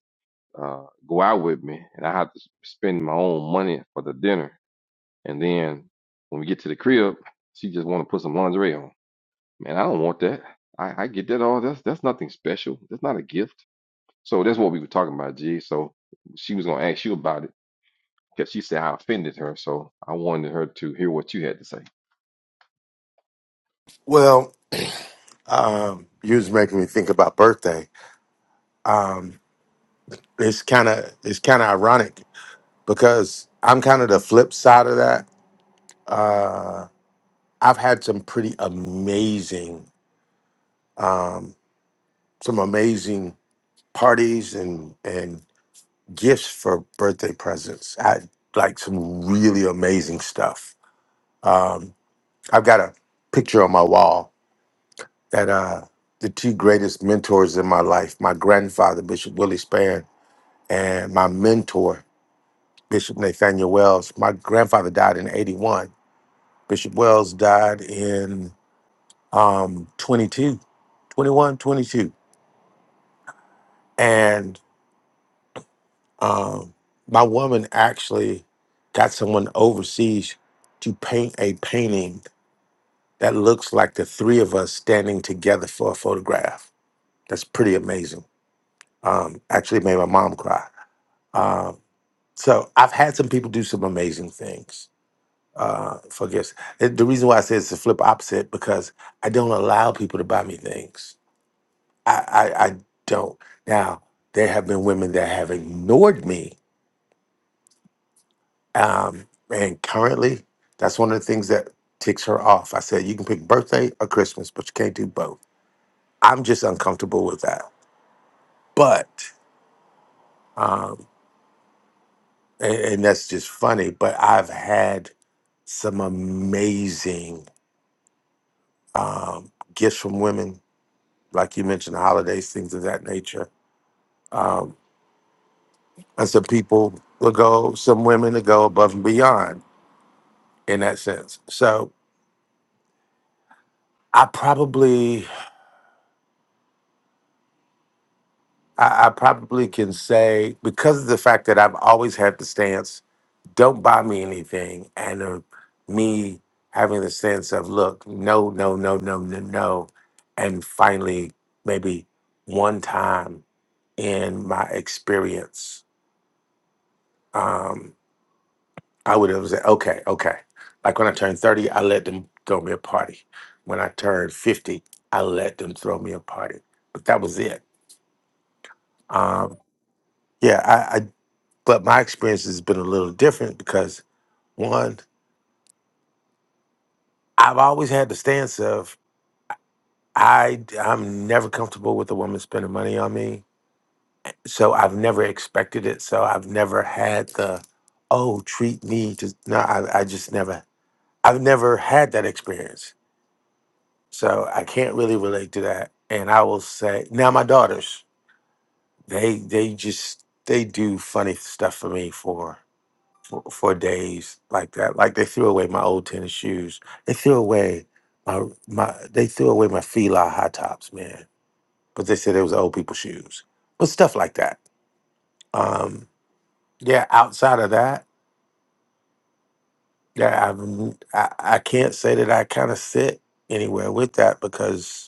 S6: uh, go out with me, and I had to spend my own money for the dinner. And then when we get to the crib, she just want to put some lingerie on. Man, I don't want that. I, I get that all. That's that's nothing special. That's not a gift. So that's what we were talking about, G. So she was gonna ask you about it because she said I offended her. So I wanted her to hear what you had to say.
S8: Well, um, you was making me think about birthday. Um, it's kind of it's kind of ironic because I'm kind of the flip side of that. I've had some pretty amazing, um, some amazing parties and and gifts for birthday presents. I had, like some really amazing stuff. Um, I've got a picture on my wall that uh, the two greatest mentors in my life, my grandfather Bishop Willie Spann and my mentor, Bishop Nathaniel Wells. My grandfather died in 81. Bishop Wells died in um, 22, twenty-one, twenty-two. And um, my woman actually got someone overseas to paint a painting that looks like the three of us standing together for a photograph. That's pretty amazing. Um, actually made my mom cry. Um, so I've had some people do some amazing things uh, for gifts. It, the reason why I say it's the flip opposite because I don't allow people to buy me things. I, I, I don't. Now, there have been women that have ignored me. Um, and currently, that's one of the things that ticks her off. I said, you can pick birthday or Christmas, but you can't do both. I'm just uncomfortable with that. But, um, and, and that's just funny, but I've had some amazing um, gifts from women like you mentioned, holidays, things of that nature. Um, and some people will go, some women will go above and beyond in that sense. So I probably, I, I probably can say because of the fact that I've always had the stance, don't buy me anything, and uh, me having the sense of look, no, no, no, no, no, no, and finally maybe one time in my experience. Um, I would have said, okay, okay. Like when I turned 30, I let them throw me a party. When I turned 50, I let them throw me a party. But that was it. Um, yeah, I, I but my experience has been a little different because one, I've always had the stance of I I'm never comfortable with a woman spending money on me. So I've never expected it. So I've never had the oh treat me to no, I, I just never I've never had that experience. So I can't really relate to that. And I will say now my daughters, they they just they do funny stuff for me for for, for days like that. Like they threw away my old tennis shoes. They threw away my my they threw away my Fila high tops, man. But they said it was old people shoes. But stuff like that. Um yeah, outside of that, yeah, I've, I I can't say that I kind of sit anywhere with that because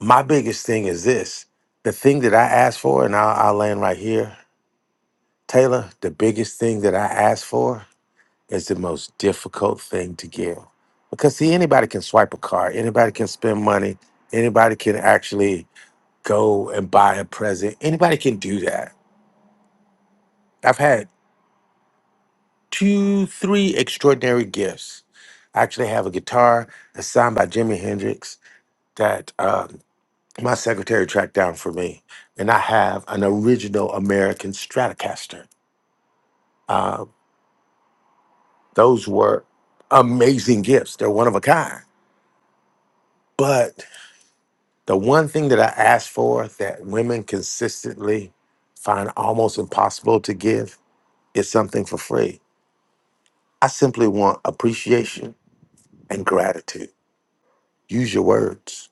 S8: My biggest thing is this the thing that I asked for, and I'll, I'll land right here, Taylor, the biggest thing that I asked for is the most difficult thing to give. Because, see, anybody can swipe a card, anybody can spend money, anybody can actually go and buy a present, anybody can do that. I've had two, three extraordinary gifts. I actually have a guitar that's signed by Jimi Hendrix that. uh, my secretary tracked down for me, and I have an original American Stratocaster. Uh, those were amazing gifts. They're one of a kind. But the one thing that I asked for that women consistently find almost impossible to give is something for free. I simply want appreciation and gratitude. Use your words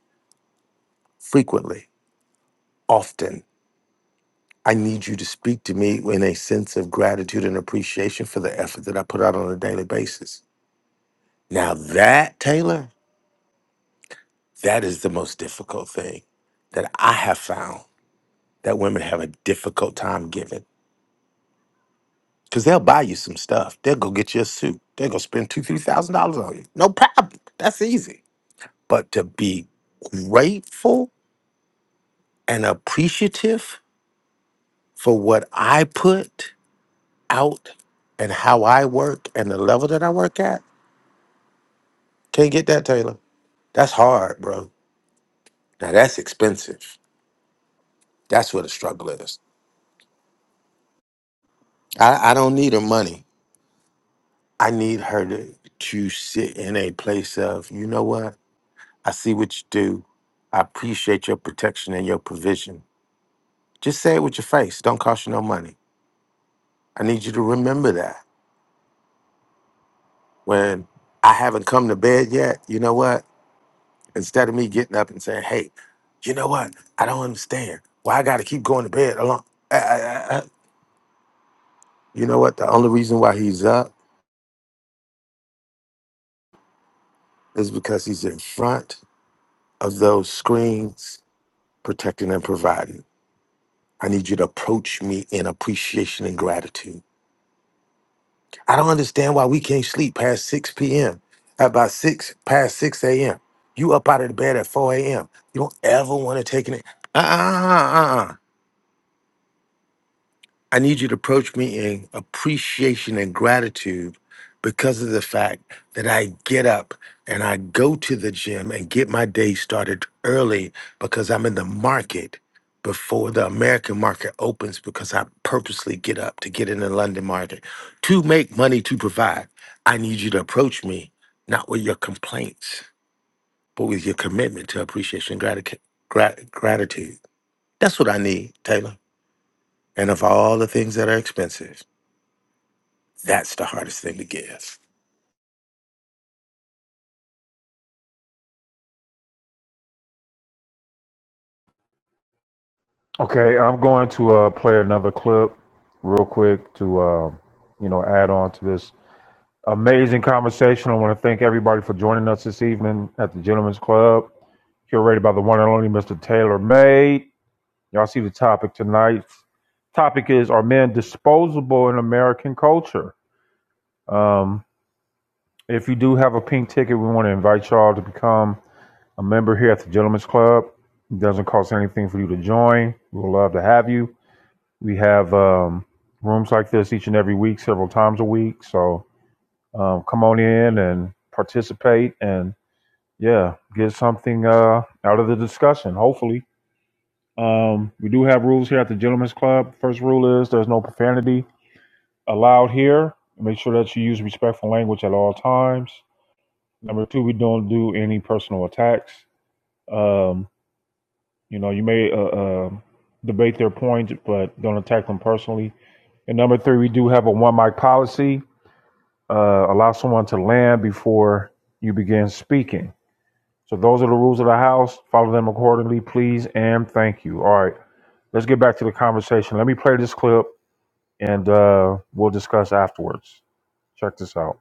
S8: frequently, often. I need you to speak to me in a sense of gratitude and appreciation for the effort that I put out on a daily basis Now that, Taylor, that is the most difficult thing that I have found that women have a difficult time giving. Cause they'll buy you some stuff. They'll go get you a suit. They'll go spend two, three thousand dollars on you. No problem. That's easy. But to be grateful and appreciative for what I put out and how I work and the level that I work at, can't get that, Taylor. That's hard, bro. Now that's expensive. That's where the struggle is. I, I don't need her money. I need her to to sit in a place of, you know what? I see what you do. I appreciate your protection and your provision. Just say it with your face. Don't cost you no money. I need you to remember that. When I haven't come to bed yet, you know what? Instead of me getting up and saying, hey, you know what? I don't understand. Why I gotta keep going to bed alone. Uh, uh, uh, uh." You know what? The only reason why he's up is because he's in front of those screens protecting and providing. I need you to approach me in appreciation and gratitude. I don't understand why we can't sleep past 6 p.m. At About 6 past 6 a.m. You up out of the bed at 4 a.m. You don't ever want to take it. Uh-uh. uh-uh, uh-uh. I need you to approach me in appreciation and gratitude because of the fact that I get up and I go to the gym and get my day started early because I'm in the market before the American market opens because I purposely get up to get in the London market to make money to provide. I need you to approach me not with your complaints, but with your commitment to appreciation and grati- grat- gratitude. That's what I need, Taylor. And of all the things that are expensive, That's the hardest thing to give.
S2: okay, I'm going to uh, play another clip real quick to, uh, you know, add on to this amazing conversation. I want to thank everybody for joining us this evening at the Gentlemen's Club, curated by the one and only Mr. Taylor May. Y'all see the topic tonight. Topic is Are men disposable in American culture? Um, If you do have a pink ticket, we want to invite y'all to become a member here at the Gentlemen's Club. It doesn't cost anything for you to join. We would love to have you. We have um, rooms like this each and every week, several times a week. So um, come on in and participate and, yeah, get something uh, out of the discussion, hopefully. Um, we do have rules here at the Gentlemen's Club. First rule is there's no profanity allowed here. Make sure that you use respectful language at all times. Number two, we don't do any personal attacks. Um, you know, you may uh, uh, debate their points, but don't attack them personally. And number three, we do have a one mic policy. Uh, allow someone to land before you begin speaking. So those are the rules of the house. Follow them accordingly, please, and thank you. All right, let's get back to the conversation. Let me play this clip, and uh, we'll discuss afterwards. Check this out.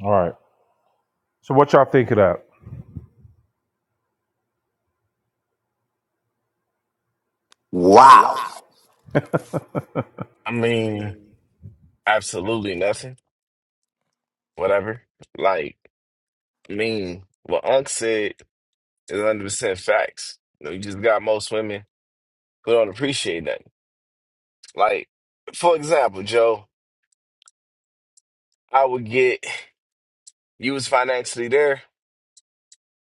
S2: All right. So what y'all think of that?
S8: Wow.
S2: [laughs]
S10: I mean, absolutely nothing. Whatever. Like, I mean, what Unc said is 100% facts. You know, you just got most women who don't appreciate nothing. Like, for example, Joe, I would get you was financially there,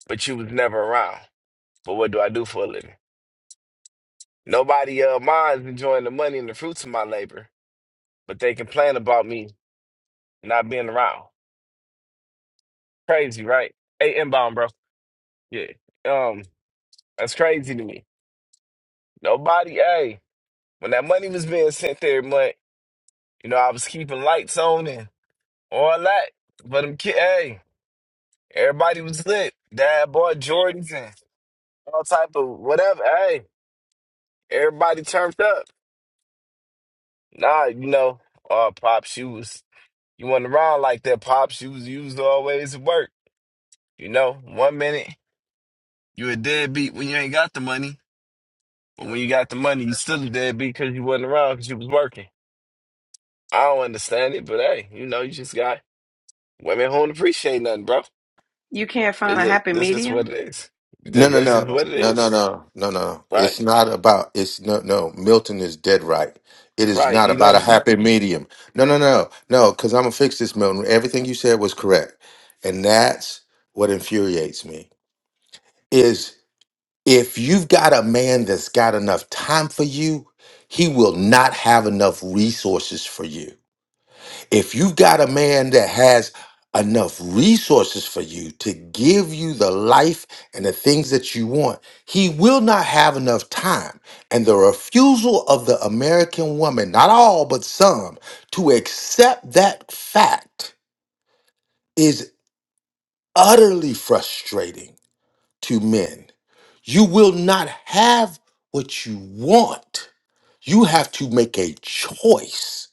S10: but you was never around. But what do I do for a living? Nobody of mine's enjoying the money and the fruits of my labor, but they complain about me not being around. Crazy, right? Hey, inbound, bro. Yeah. Um, that's crazy to me. Nobody, hey. When that money was being sent every month, you know, I was keeping lights on and all that. But I'm kid, hey, everybody was lit. Dad bought Jordans and all type of whatever. Hey, everybody turned up. Nah, you know, uh, pops, you was you went around like that. Pops, you was you was always at work. You know, one minute you a deadbeat when you ain't got the money, but when you got the money, you still a deadbeat because you wasn't around because you was working. I don't understand it, but hey, you know, you just got women who don't appreciate nothing, bro.
S11: You can't find
S10: Is
S11: a
S10: it,
S11: happy
S10: this is what
S11: medium?
S10: it is.
S8: No,
S10: That-
S8: no,
S10: That's just
S8: no,
S10: what it
S8: no, no,
S10: is.
S8: no, no, no.
S10: Right?
S8: It's not about. It's no, no. Milton is dead right. It is
S10: Right.
S8: not
S10: You know what
S8: about a
S10: I'm saying?
S8: happy medium. No, no, no, no. Because I'm gonna fix this, Milton. Everything you said was correct, and that's what infuriates me. Is if you've got a man that's got enough time for you, he will not have enough resources for you. If you've got a man that has enough resources for you to give you the life and the things that you want, he will not have enough time. And the refusal of the American woman, not all, but some, to accept that fact is utterly frustrating to men. You will not have what you want. You have to make a choice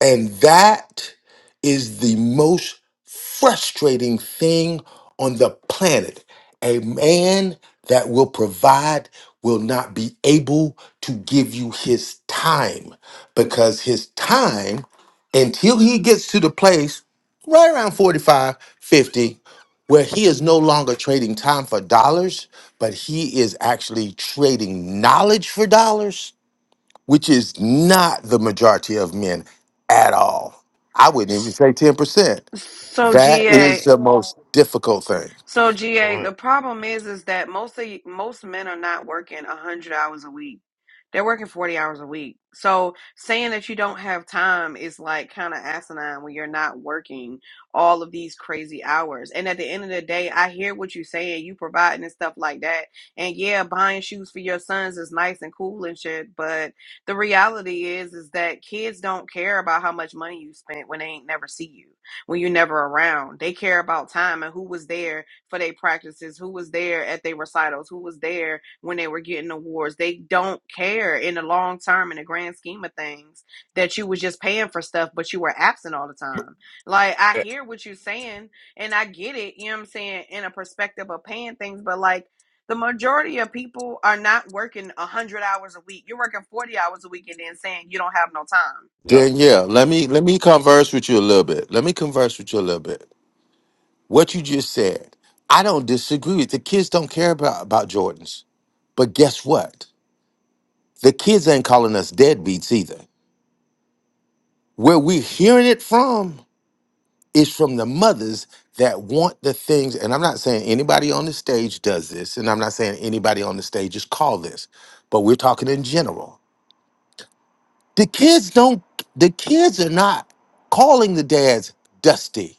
S8: And that is the most frustrating thing on the planet. A man that will provide will not be able to give you his time because his time, until he gets to the place right around 45, 50, where he is no longer trading time for dollars, but he is actually trading knowledge for dollars which is not the majority of men at all. I wouldn't even say 10%.
S11: So,
S8: That is
S11: GA,
S8: the most difficult thing.
S11: So
S10: You know
S11: GA,
S10: what?
S11: the problem is is that most of, most men are not working 100 hours a week. They're working 40 hours a week. So saying that you don't have time is like kind of asinine when you're not working all of these crazy hours. And at the end of the day, I hear what you're saying, you providing and stuff like that. And yeah, buying shoes for your sons is nice and cool and shit, but the reality is is that kids don't care about how much money you spent when they ain't never see you, when you're never around. They care about time and who was there for their practices, who was there at their recitals, who was there when they were getting awards. They don't care in the long term, in the grand scheme of things, that you was just paying for stuff, but you were absent all the time. Like, I
S10: Eh,
S11: hear what you're saying, and I get it, you know what I'm saying, in a perspective of paying things, but like, the majority of people are not working 100 hours a week. You're working 40 hours a week and then saying you don't have no time.
S10: Yeah.
S8: Danielle, let me let me converse with you a little bit. Let me converse with you a little bit. What you just said, I don't disagree with the kids don't care about, about Jordans. But guess what? The kids ain't calling us deadbeats either. Where we're hearing it from It's from the mothers that want the things. And I'm not saying anybody on the stage does this, and I'm not saying anybody on the stage is called this, but we're talking in general. The kids don't, the kids are not calling the dads dusty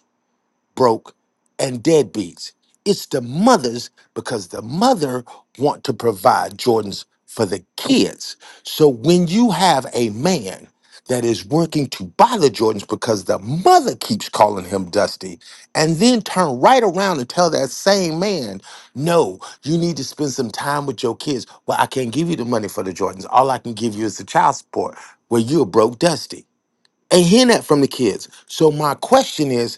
S8: broke, and deadbeats. It's the mothers because the mother want to provide Jordans for the kids. So when you have a man that is working to buy the Jordans because the mother keeps calling him Dusty, and then turn right around and tell that same man, no, you need to spend some time with your kids. Well, I can't give you the money for the Jordans. All I can give you is the child support where you're broke Dusty. Ain't hearing that from the kids. So my question is,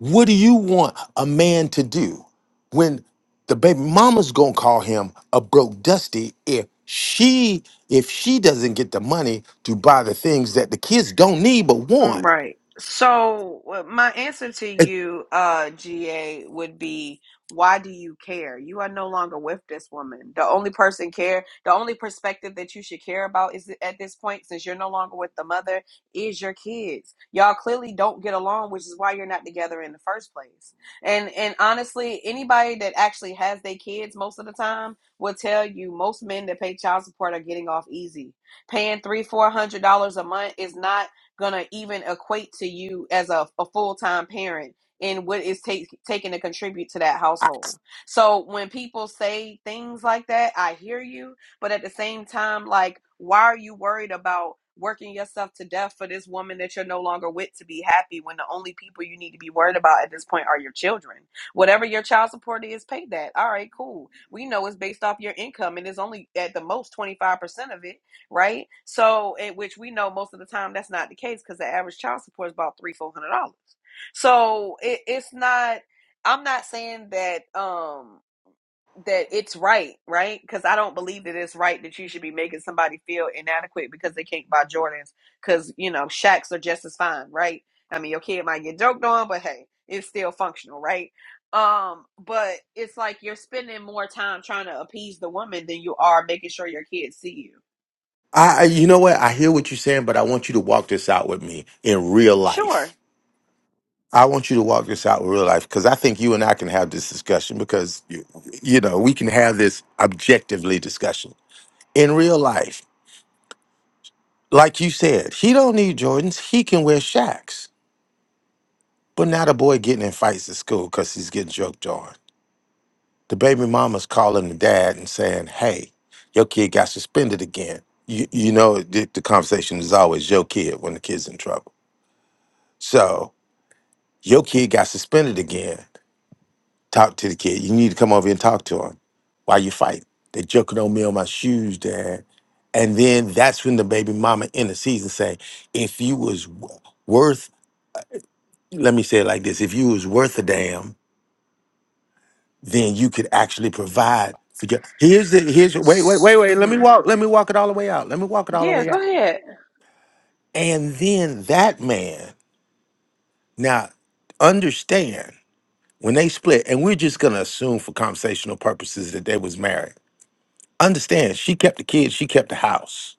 S8: what do you want a man to do when the baby mama's gonna call him a broke dusty if she if she doesn't get the money to buy the things that the kids don't need but
S11: All
S8: want?
S11: right. So uh, my answer to
S8: It-
S11: you, uh, GA, would be why do you care? You are no longer with this woman. The only person care, the only perspective that you should care about is at this point, since you're no longer with the mother, is your kids. Y'all clearly don't get along, which is why you're not together in the first place. And and honestly, anybody that actually has their kids most of the time will tell you most men that pay child support are getting off easy. Paying three, four hundred dollars a month is not gonna even equate to you as a, a full-time parent and what is take, taking to contribute to that
S8: I,
S11: household so when people say things like that i hear you but at the same time like why are you worried about working yourself to death for this woman that you're no longer with to be happy when the only people you need to be worried about at this point are your children whatever your child support is pay that all right cool we know it's based off your income and it's only at the most 25% of it right? So, in which we know most of the time that's not the case because the average child support is about three, four hundred dollars. So it, it's not. I'm not saying that um that it's right, right? Because I don't believe that it's right that you should be making somebody feel inadequate because they can't buy Jordans because you know Shacks are just as fine, right? I mean, your kid might get joked on, but hey, it's still functional, right? Um, but it's like you're spending more time trying to appease the woman than you are making sure your kids see you.
S8: I you know what? I hear what you're saying, but I want you to walk this out with me in real
S11: Sure,
S8: life. I want you to walk this out in real life because I think you and I can have this discussion because you, you know we can have this objectively discussion in real life like you said, he don't need Jordans. He can wear Shacks. But now the boy getting in fights at school because he's getting joked on. The baby mama's calling the dad and saying, "Hey, your kid got suspended again." You, you know the, the conversation is always your kid when the kid's in trouble. So your kid got suspended again. Talk to the kid. You need to come over here and talk to him. Why you fighting? They joking on me on my shoes, dad. And then that's when the baby mama in the season say, "If you was w- worth let me say it like this: If you was worth a damn, then you could actually provide. For your, here's the here's wait wait wait wait. Let me
S11: hmm
S8: walk. Let me walk it all the way out. Let me walk it all the
S11: Yeah,
S8: way
S11: go
S8: out.
S11: ahead.
S8: And then that man. Now, understand when they split, and we're just gonna assume for conversational purposes that they was married. Understand? She kept the kids. She kept the house.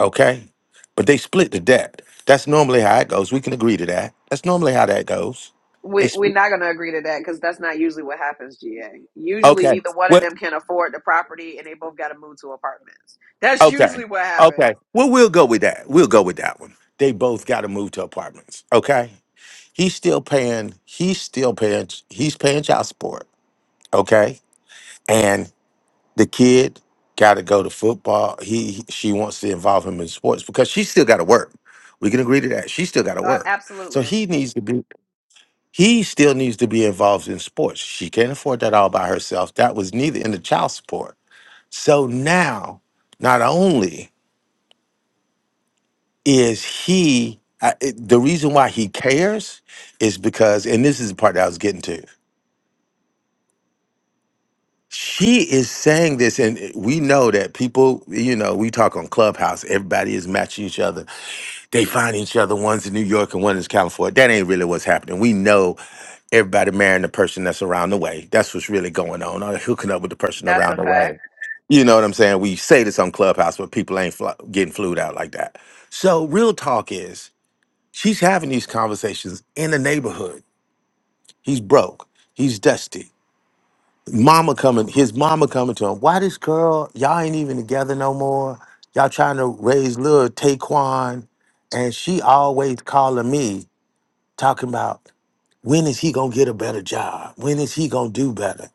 S8: Okay, but they split the debt. That's normally how it goes. We can agree to that. That's normally how that goes. They
S11: We, we're
S8: split.
S11: not going to agree to that because that's not usually what happens, GA. Usually,
S8: Okay.
S11: neither one of
S8: Well,
S11: them can afford the property and they both got to move to apartments. That's
S8: Okay.
S11: usually what
S8: Okay.
S11: happens.
S8: Well, we'll go with that. We'll go with that one. They both got to move to apartments. Okay. He's still paying. He's still paying. He's paying child support. Okay. And the kid got to go to football. He he- she wants to involve him in sports because she still got to work. We can agree to that. She still got to
S11: Uh,
S8: work. So
S11: absolutely.
S8: he needs to be. He still needs to be involved in sports. She can't afford that all by herself. That was neither in the child support. So now, not only is he I, it- the reason why he cares is because and this is the part that i was getting to she is saying this and it- we know that people you know we talk on clubhouse everybody is matching each other they find each other one's in new york and one is california that ain't really what's happening we know everybody marrying the person that's around the way that's what's really going on or hooking up with the person
S11: That's
S8: around
S11: a
S8: the
S11: fact.
S8: way you know what i'm saying we say this on clubhouse but people ain't fly, getting flued out like that so real talk is She's having these conversations in the neighborhood. He's broke. He's dusty. Mama coming, his mama coming to him. Why this girl? Y'all ain't even together no more. Y'all trying to raise little Taquan. And she always calling me, talking about when is he gonna get a better job? When is he gonna do better?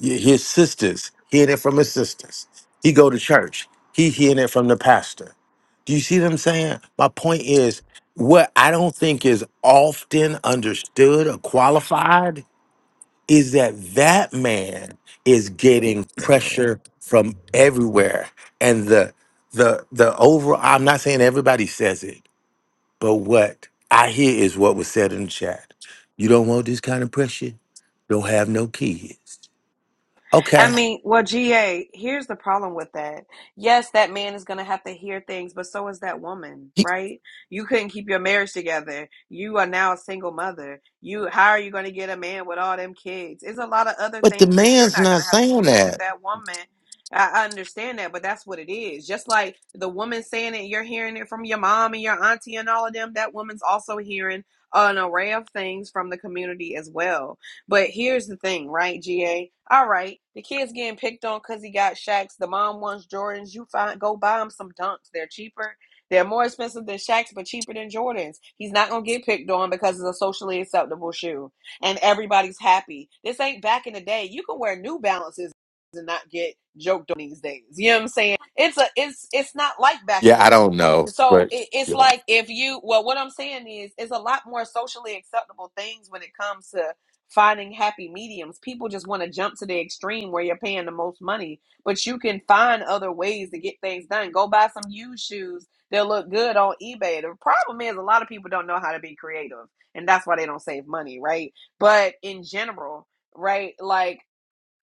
S8: Y- His sisters hearing it from his sisters. He go to church. He hearing it from the pastor. Do you see what I'm saying? My point is, what I don't think is often understood or qualified is that that man is getting pressure from everywhere, and the the the overall. I'm not saying everybody says it, but what I hear is what was said in the chat. You don't want this kind of pressure. Don't have no kids.
S11: I
S8: Okay.
S11: mean, well, GA, here's the problem with that. Yes, that man is going to have to hear things, but so is that woman, right? You couldn't keep your marriage together. You are now a single mother. You how are you going to get a man with all them kids? It's a lot of other
S8: But the
S11: things that you're
S8: man's
S11: not going
S8: not
S11: to have to
S8: saying
S11: deal with that
S8: that.
S11: that woman I I understand that, but that's what it is. Just like the woman saying it, you're hearing it from your mom and your auntie and all of them. That woman's also hearing an array of things from the community as well but here's the thing, right, GA? All right, the kid's getting picked on because he got Shaqs. The mom wants Jordans. You find go buy him some dunks. They're cheaper. They're more expensive than Shaqs, but cheaper than Jordans. He's not gonna get picked on because it's a socially acceptable shoe, and everybody's happy. This ain't back in the day. You can wear New Balances and not get joked on these days. You know what I'm saying? It's a it's it's not like back in
S8: Yeah,
S11: the
S8: I
S11: day.
S8: don't know,
S11: So
S8: but
S11: it, it's
S8: yeah.
S11: like if you well, what I'm saying is, it's a lot more socially acceptable things when it comes to finding happy mediums. People just want to jump to the extreme where you're paying the most money, but you can find other ways to get things done. Go buy some used shoes. They'll look good on eBay. The problem is a lot of people don't know how to be creative, and that's why they don't save money, right? But in general, right? Like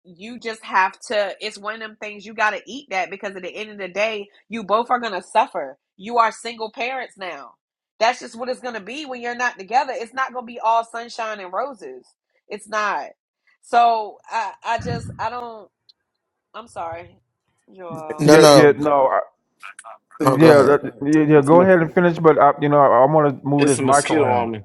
S11: you just have to it's one of them things you got to eat that because at the end of the day you both are going to suffer you are single parents now that's just what it's going to be when you're not together it's not going to be all sunshine and roses it's not so i i just i don't i'm sorry you all
S8: No,
S2: Yeah, yeah.
S8: no,
S2: No,
S8: no. Go
S2: Yeah,
S8: ahead.
S2: that, yeah, yeah.
S10: It's, a
S2: Go
S10: mos-
S2: ahead and finish, but I, you know, I, I want to move
S10: it's a
S2: this mic
S10: mosquito
S2: around.
S10: on me.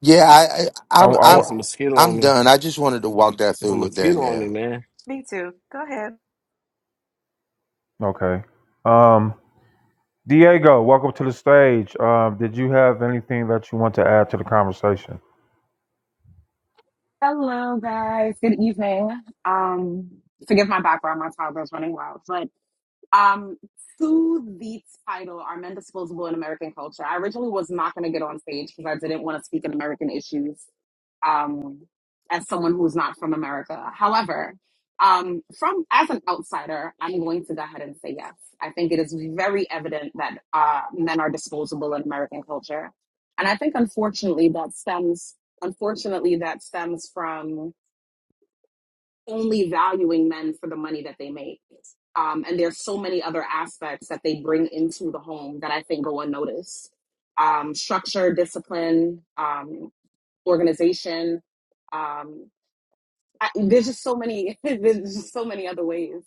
S8: Yeah, I, I
S2: I, I
S8: I'm,
S10: Yeah,
S8: I'm,
S10: it's a
S2: want.
S10: mosquito on
S8: I'm
S10: me.
S8: done. I just wanted to walk that
S10: It's a
S8: through with
S10: mosquito on me,
S8: Danielle.
S10: man.
S11: me too go ahead
S2: Okay. Um, Diego, welcome to the stage. Um, did you have anything that you want to add to the conversation?
S12: Hello, guys. Good evening. Um, forgive my background. My toddler's running wild, but. Um, to the title, Are Men Disposable in American Culture? I originally was not going to get on stage because I didn't want to speak on American issues um, as someone who's not from America. However, um, from as an outsider, I'm going to go ahead and say yes. I think it is very evident that uh, men are disposable in American culture, and I think unfortunately that stems unfortunately that stems from only valuing men for the money that they make. Um, and there's so many other aspects that they bring into the home that I think go unnoticed. Um, structure, discipline, um, organization. Um, I, there's just so many. [laughs] there's just so many other ways.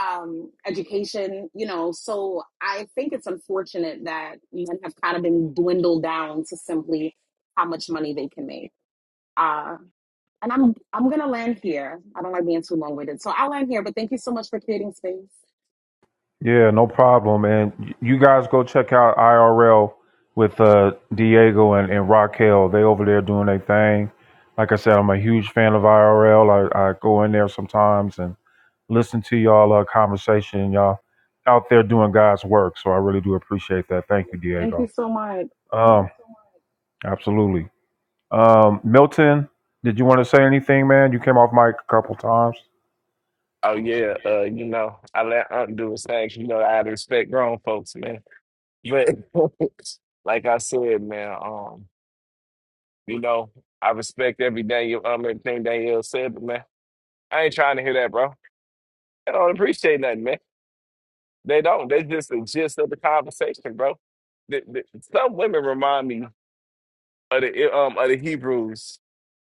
S12: Um, education, you know. So I think it's unfortunate that men have kind of been dwindled down to simply how much money they can make. Uh, and I'm I'm gonna land here. I don't like being too long winded, so I'll land here. But thank you so much for creating space.
S2: Yeah, no problem. And you guys go check out IRL with uh, Diego and, and Raquel. They over there doing their thing. Like I said, I'm a huge fan of IRL. I, I go in there sometimes and listen to y'all uh, conversation. Y'all out there doing God's work. So I really do appreciate that. Thank you,
S12: Thank you
S2: Diego.
S12: so much.
S2: Um, absolutely. Um, Milton, did you want to say anything, man? You came off mic a couple times.
S10: Oh yeah, uh, you know, I let Aunt do his thing. You know, I had to respect grown folks, man. But [laughs] like I said, man, um, you know, I respect every Daniel, um, everything Danielle said, but man, I ain't trying to hear that, bro. I don't appreciate nothing, man. They don't. They just the gist of the conversation, bro. The, the, some women remind me of the um of the Hebrews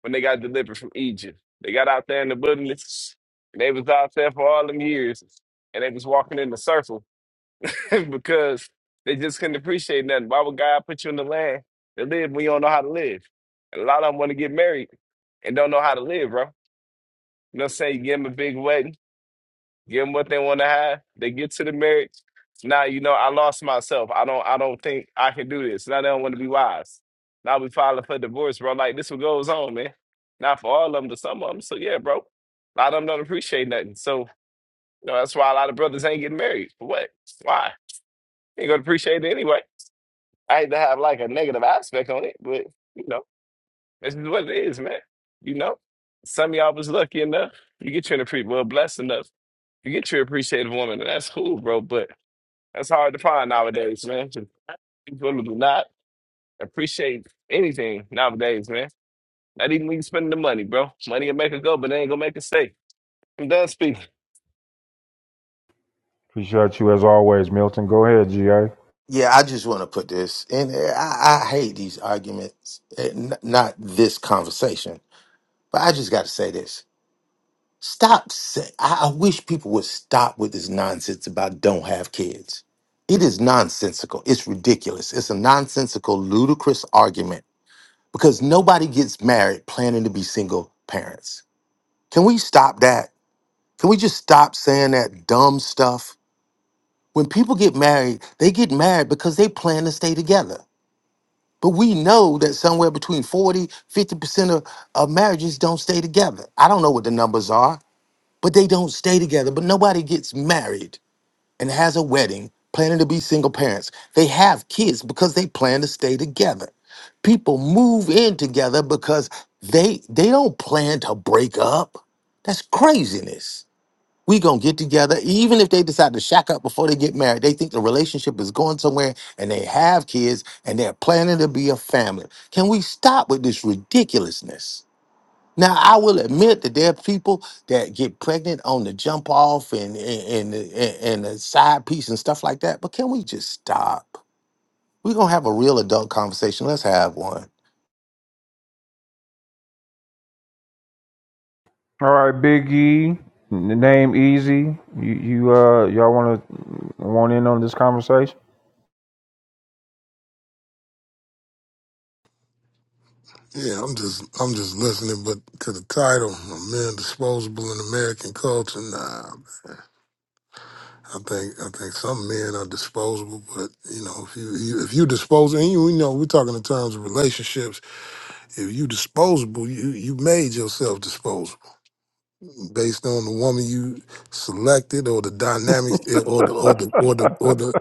S10: when they got delivered from Egypt. They got out there in the wilderness, and they was out there for all them years, and they was walking in the circle [laughs] because they just couldn't appreciate nothing. Why would God put you in the land to live when you don't know how to live? And a lot of them want to get married and don't know how to live, bro. You know what I'm saying? You give them a big wedding. Give them what they want to have. They get to the marriage. Now you know I lost myself. I don't. I don't think I can do this. Now they don't want to be wives. Now we filing for divorce, bro. Like this, what goes on, man. Not for all of them, To some of them. So yeah, bro. A lot of them don't appreciate nothing. So you know that's why a lot of brothers ain't getting married. For what? Why? Ain't gonna appreciate it anyway. I hate to have like a negative aspect on it, but you know this is what it is, man. You know, some of y'all was lucky enough. You get you an appreciate, well blessed enough. You get your appreciative woman, and that's cool, bro. But That's hard to find nowadays, man. People do not appreciate anything nowadays, man. Not even when you spending the money, bro. Money will make it go, but they ain't gonna make it stay. I'm done speaking.
S2: Appreciate you as always, Milton. Go ahead, GA.
S8: Yeah, I just want to put this, and I, I hate these arguments. eh, n- Not this conversation, but I just got to say this. Stop. Say, I, I wish people would stop with this nonsense about don't have kids. It is nonsensical. It's ridiculous. It's a nonsensical, ludicrous argument because nobody gets married planning to be single parents. Can we stop that? Can we just stop saying that dumb stuff? When people get married, they get married because they plan to stay together. But we know that somewhere between forty, fifty percent of, of marriages don't stay together. I don't know what the numbers are, but they don't stay together. But nobody gets married and has a wedding planning to be single parents. They have kids because they plan to stay together. People move in together because they they don't plan to break up. That's craziness. We gonna get together, even if they decide to shack up before they get married. They think the relationship is going somewhere, and they have kids, and they're planning to be a family. Can we stop with this ridiculousness? Now I will admit that there are people that get pregnant on the jump off and and and, and the side piece and stuff like that. But can we just stop? We're gonna have a real adult conversation. Let's have one.
S2: All right, Big E, n- name Easy. You, you uh, y'all want to want in on this conversation?
S13: Yeah, I'm just I'm just listening, but to the title, "Are men disposable in American culture. Nah, I think I think some men are disposable, but you know, if you, you if you disposable, and you, you know, we're talking in terms of relationships. If you disposable, you you made yourself disposable based on the woman you selected, or the dynamics, eh, or the or the or the or
S2: [laughs]
S13: the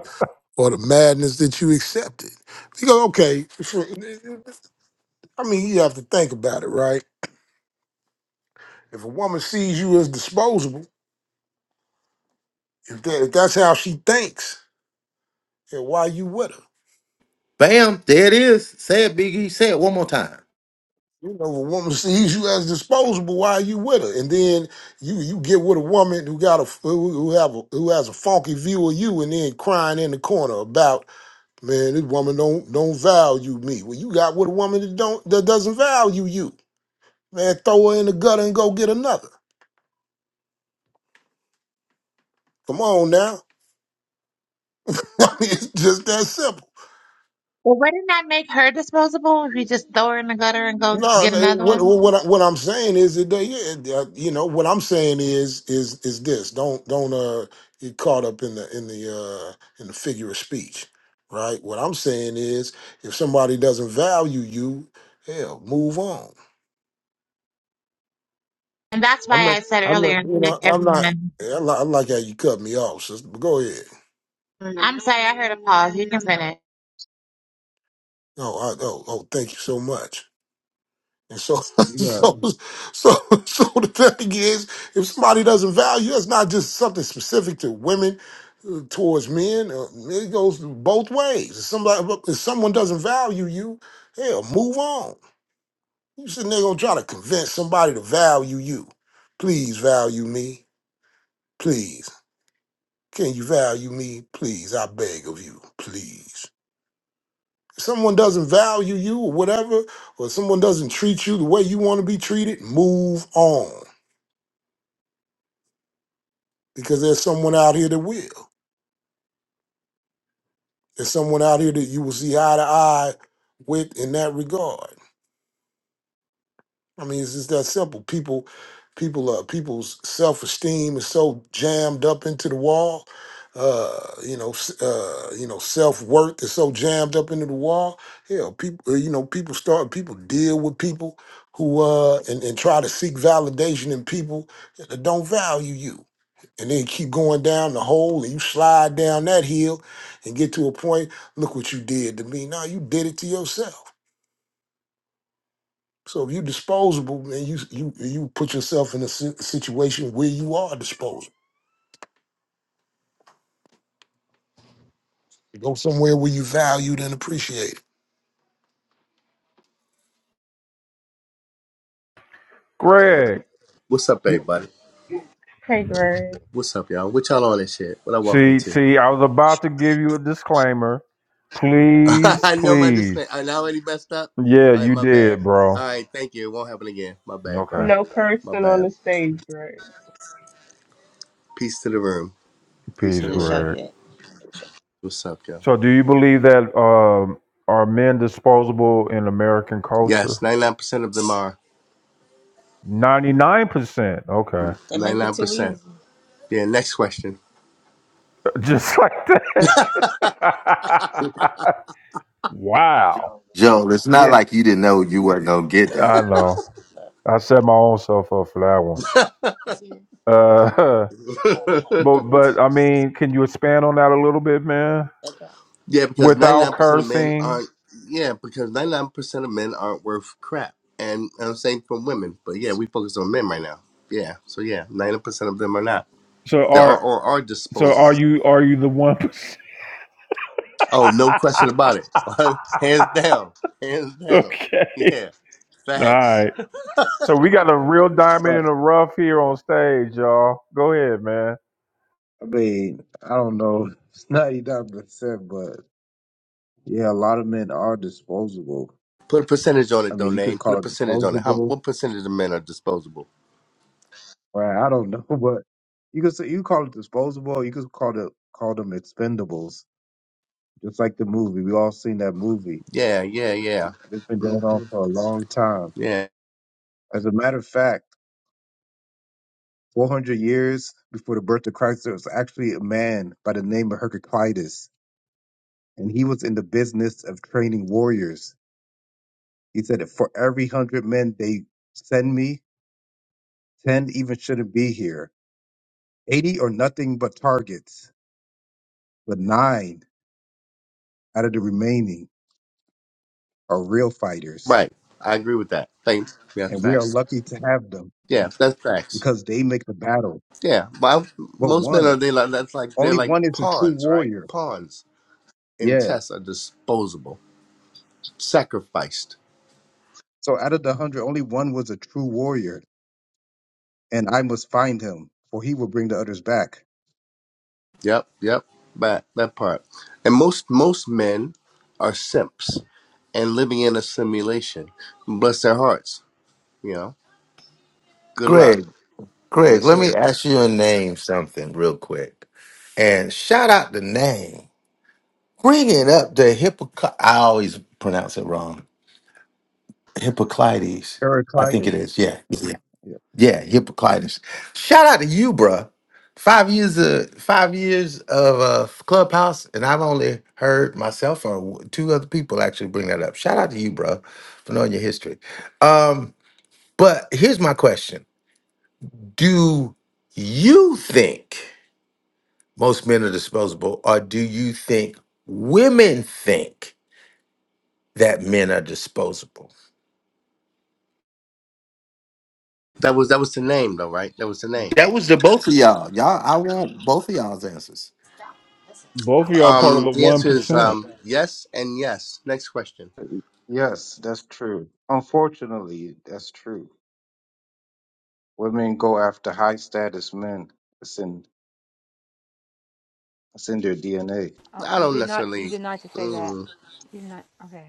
S13: or the madness that you accepted. Because okay, for, I mean, you have to think about it, right? If a woman sees you as disposable, if that if that's how she thinks, then why you with her?
S8: Bam, there it is. Say it, Biggie. Say it one more time.
S13: You know, if a woman sees you as disposable, why you with her? And then you you get with a woman who got a who who have a, who has a funky view of you, and then crying in the corner about man, this woman don't don't value me. Well, you got with a woman that don't that doesn't value you. Man, throw her in the gutter and go get another. Come on now, [laughs] it's just that simple.
S3: Well, wouldn't that make her disposable if you just throw her in the gutter and go
S13: No,
S3: get
S13: no,
S3: another
S13: what
S3: one?
S13: what I- what I'm saying is that they, yeah, uh, you know what I'm saying is is is this don't don't uh get caught up in the in the uh in the figure of speech, right? What I'm saying is if somebody doesn't value you, hell, move on.
S3: And that's
S13: I'm
S3: why
S13: not
S3: I said
S13: I'm not
S3: earlier,
S13: you
S3: like
S13: know I'm not
S3: everyone.
S13: I, li- I like how you cut me off, sister. But go ahead.
S3: I'm sorry, I heard a pause. You can finish.
S13: Oh I, oh oh, thank you so much. And so, [laughs]
S14: You got
S13: so, so, so the thing is, if somebody doesn't value, it's not just something specific to women uh, towards men. Uh, it goes both ways. If somebody, if someone doesn't value you, hell, move on. You sitting there gonna try to convince somebody to value you. Please value me, please. Can you value me, please? I beg of you, please. If someone doesn't value you or whatever, or someone doesn't treat you the way you want to be treated, move on. because there's someone out here that will. There's someone out here that you will see eye to eye with in that regard. I mean, it's just that simple. People, people, uh, people's self esteem is so jammed up into the wall. Uh, you know, s- uh, you know, self worth is so jammed up into the wall. Hell, people, you know, people start, people deal with people who uh and, and try to seek validation in people that don't value you and then keep going down the hole and you slide down that hill and get to a point look what you did to me now you did it to yourself so if you're disposable and you you you put yourself in a si- situation where you are disposable go somewhere where you valued and appreciated
S15: up to the rest.
S2: Greg,
S15: What's up,
S2: you-
S15: everybody?
S16: Hey, Greg.
S15: What's up, y'all? What y'all on this shit? What I walk
S2: see,
S15: into?
S2: see, I was about to give you a disclaimer.
S15: [laughs]
S2: Please,
S15: I know my disclaimer.
S2: please.
S15: I already messed up.
S2: Yeah,
S15: All right,
S2: you
S15: my bad.
S2: did,
S15: All
S2: bro.
S15: right, thank you. It won't happen again. My bad, bro.
S2: Okay,
S16: No
S15: My
S16: cursing on
S15: bad.
S16: the stage, Greg.
S15: Peace to the room. Peace to
S2: peace,
S15: the room.
S2: Greg.
S15: What's up, y'all?
S2: So, do you believe that um, are men disposable in American
S15: Yes,
S2: culture?
S15: 99% of them are.
S2: Ninety nine percent. Okay,
S15: 99%. Yeah, next question.
S2: [laughs] just like that. [laughs] Wow.
S8: Joe, it's not
S14: yeah,
S8: like you didn't know you weren't gonna get
S2: I
S8: that.
S2: know. I set my own self up for that one. Uh,
S15: [laughs]
S2: [laughs] but but I mean, can you expand on that a little bit, man?
S15: yeah, because
S2: Without
S15: 99% of men
S2: cursing.
S15: aren't, yeah, because 99% of men aren't worth crap. And I'm saying from women, but yeah, we focus on men right now. Yeah, so yeah, 90% of them are not.
S2: So
S15: that are
S2: are
S15: or are
S2: so are
S15: disposable.
S2: you are you the one? percent?
S15: Oh, no question
S2: [laughs]
S15: about it. [laughs] hands down, hands down.
S2: okay.
S15: Yeah,
S2: All
S15: facts.
S2: right. So we got a real diamond
S14: but
S2: in the rough here on stage, y'all. Go ahead, man.
S14: I mean, I don't know. It's ninety nine percent, but yeah, a lot of men are disposable.
S15: Put a percentage on
S14: I
S15: it, though,
S14: mean, you could
S15: Name. Put a
S14: call it
S15: percentage on it. How?
S14: disposable,
S15: What percentage of men are disposable?
S14: right? I don't know, [laughs] but you could say you call it disposable. You could call it call them expendables, just like the movie. We all seen that movie.
S15: Yeah, yeah, yeah.
S14: It's been going on
S15: hmm
S14: for a long time.
S15: Yeah,
S14: As a matter of fact, four hundred years before the birth of Christ, there was actually a man by the name of Heraclitus, and he was in the business of training warriors He said, that For every hundred men they send me, ten even shouldn't be here. Eighty are nothing but targets, but nine out of the remaining are real fighters.
S15: right. I agree with that. Thanks. Yeah,
S14: And we are
S15: facts.
S14: lucky to have them
S15: Yeah, that's facts.
S14: because they make the battle.
S15: Yeah, but I-
S14: But
S15: most men
S14: one,
S15: are they like that's like they're
S14: only
S15: like
S14: one is a true
S15: pawns, right?
S14: warrior.
S15: Pawns in
S14: Yeah.
S15: chess are disposable, sacrificed.
S14: So out of the hundred, only one was a true warrior. And I must find him, for he will bring the others back.
S15: Yep, yep. That that part. And most most men are simps and living in a simulation. Bless their hearts. You know. Good luck.
S8: Greg, Greg,
S15: Yes,
S8: let me
S15: sir.
S8: ask you a name something real quick. And shout out the name. Bring it up the hypocrite. I always pronounce it wrong. Hippocrates. I think it
S14: Heraclitus.
S8: is. Yeah. Yeah.
S14: Yeah.
S8: Yeah. Hippocrates. Shout out to you, bruh. Five years of five years of uh, Clubhouse, and I've only heard myself or w- two other people actually bring that up. Shout out to you, bruh, for knowing your history. Um, but here's my question: Do you think most men are disposable, or do you think women think that men are disposable?
S15: That was that was the name though, right? That was the name.
S8: That was the both of y'all. Y'all, I want both of y'all's answers.
S2: Both of y'all part of
S15: Um,
S2: the
S15: the
S2: one
S15: answer is
S2: percent.
S15: um yes and yes. Next question.
S14: Yes, that's true. Unfortunately, that's true. Women go after high status men. It's in it's in their DNA.
S4: Oh,
S15: I
S4: you
S15: don't
S4: did not. You
S15: necessarily.
S4: did not just say that.
S15: Mm,
S4: You did not. Okay.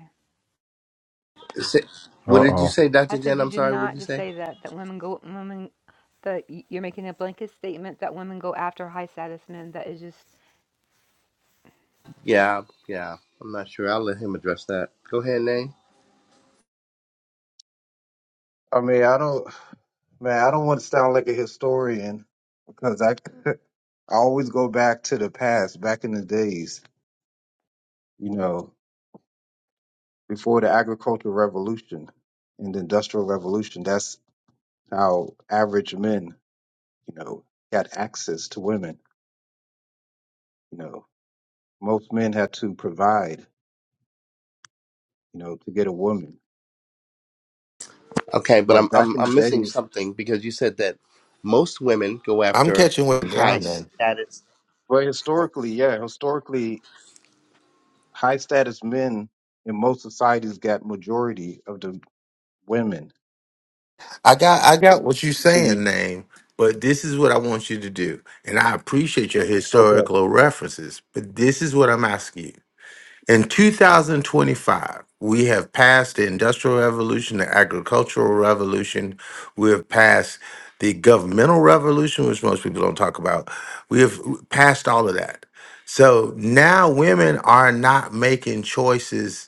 S15: is it-
S2: Uh
S15: what did you
S2: oh.
S15: say,
S4: I
S15: Doctor Jen?
S4: said you
S15: I'm
S4: did
S15: sorry. What did
S4: not
S15: you
S4: just
S15: say?
S4: say that. That women go. Women. That y- you're making a blanket statement that women go after high status men. That is just.
S15: Yeah, yeah. I'm not sure. I'll let him address that. Go ahead, Nay.
S14: I mean, I don't man, I don't want to sound like a historian because I [laughs] I always go back to the past, back in the days, you know, before the agricultural revolution and the industrial revolution. That's how average men, you know, had access to women. You know, most men had to provide, you know, to get a woman.
S15: Okay, but I'm
S14: But back
S15: I'm
S14: in the
S15: I'm missing
S14: days,
S15: something because you said that most women go
S8: I'm
S15: after
S8: catching what
S15: high.
S8: John
S15: s-
S8: man.
S14: but historically, yeah, historically, high status men in most societies got majority of the women.
S8: I got I got what you are
S14: So we
S8: saying, name, but this is what I want you to do. And I appreciate your
S14: okay.
S8: historical references, but this is what I'm asking you. In 2025, we have passed the Industrial Revolution, the Agricultural Revolution. We have passed the governmental revolution, which most people don't talk about. We have passed all of that. So now women are not making choices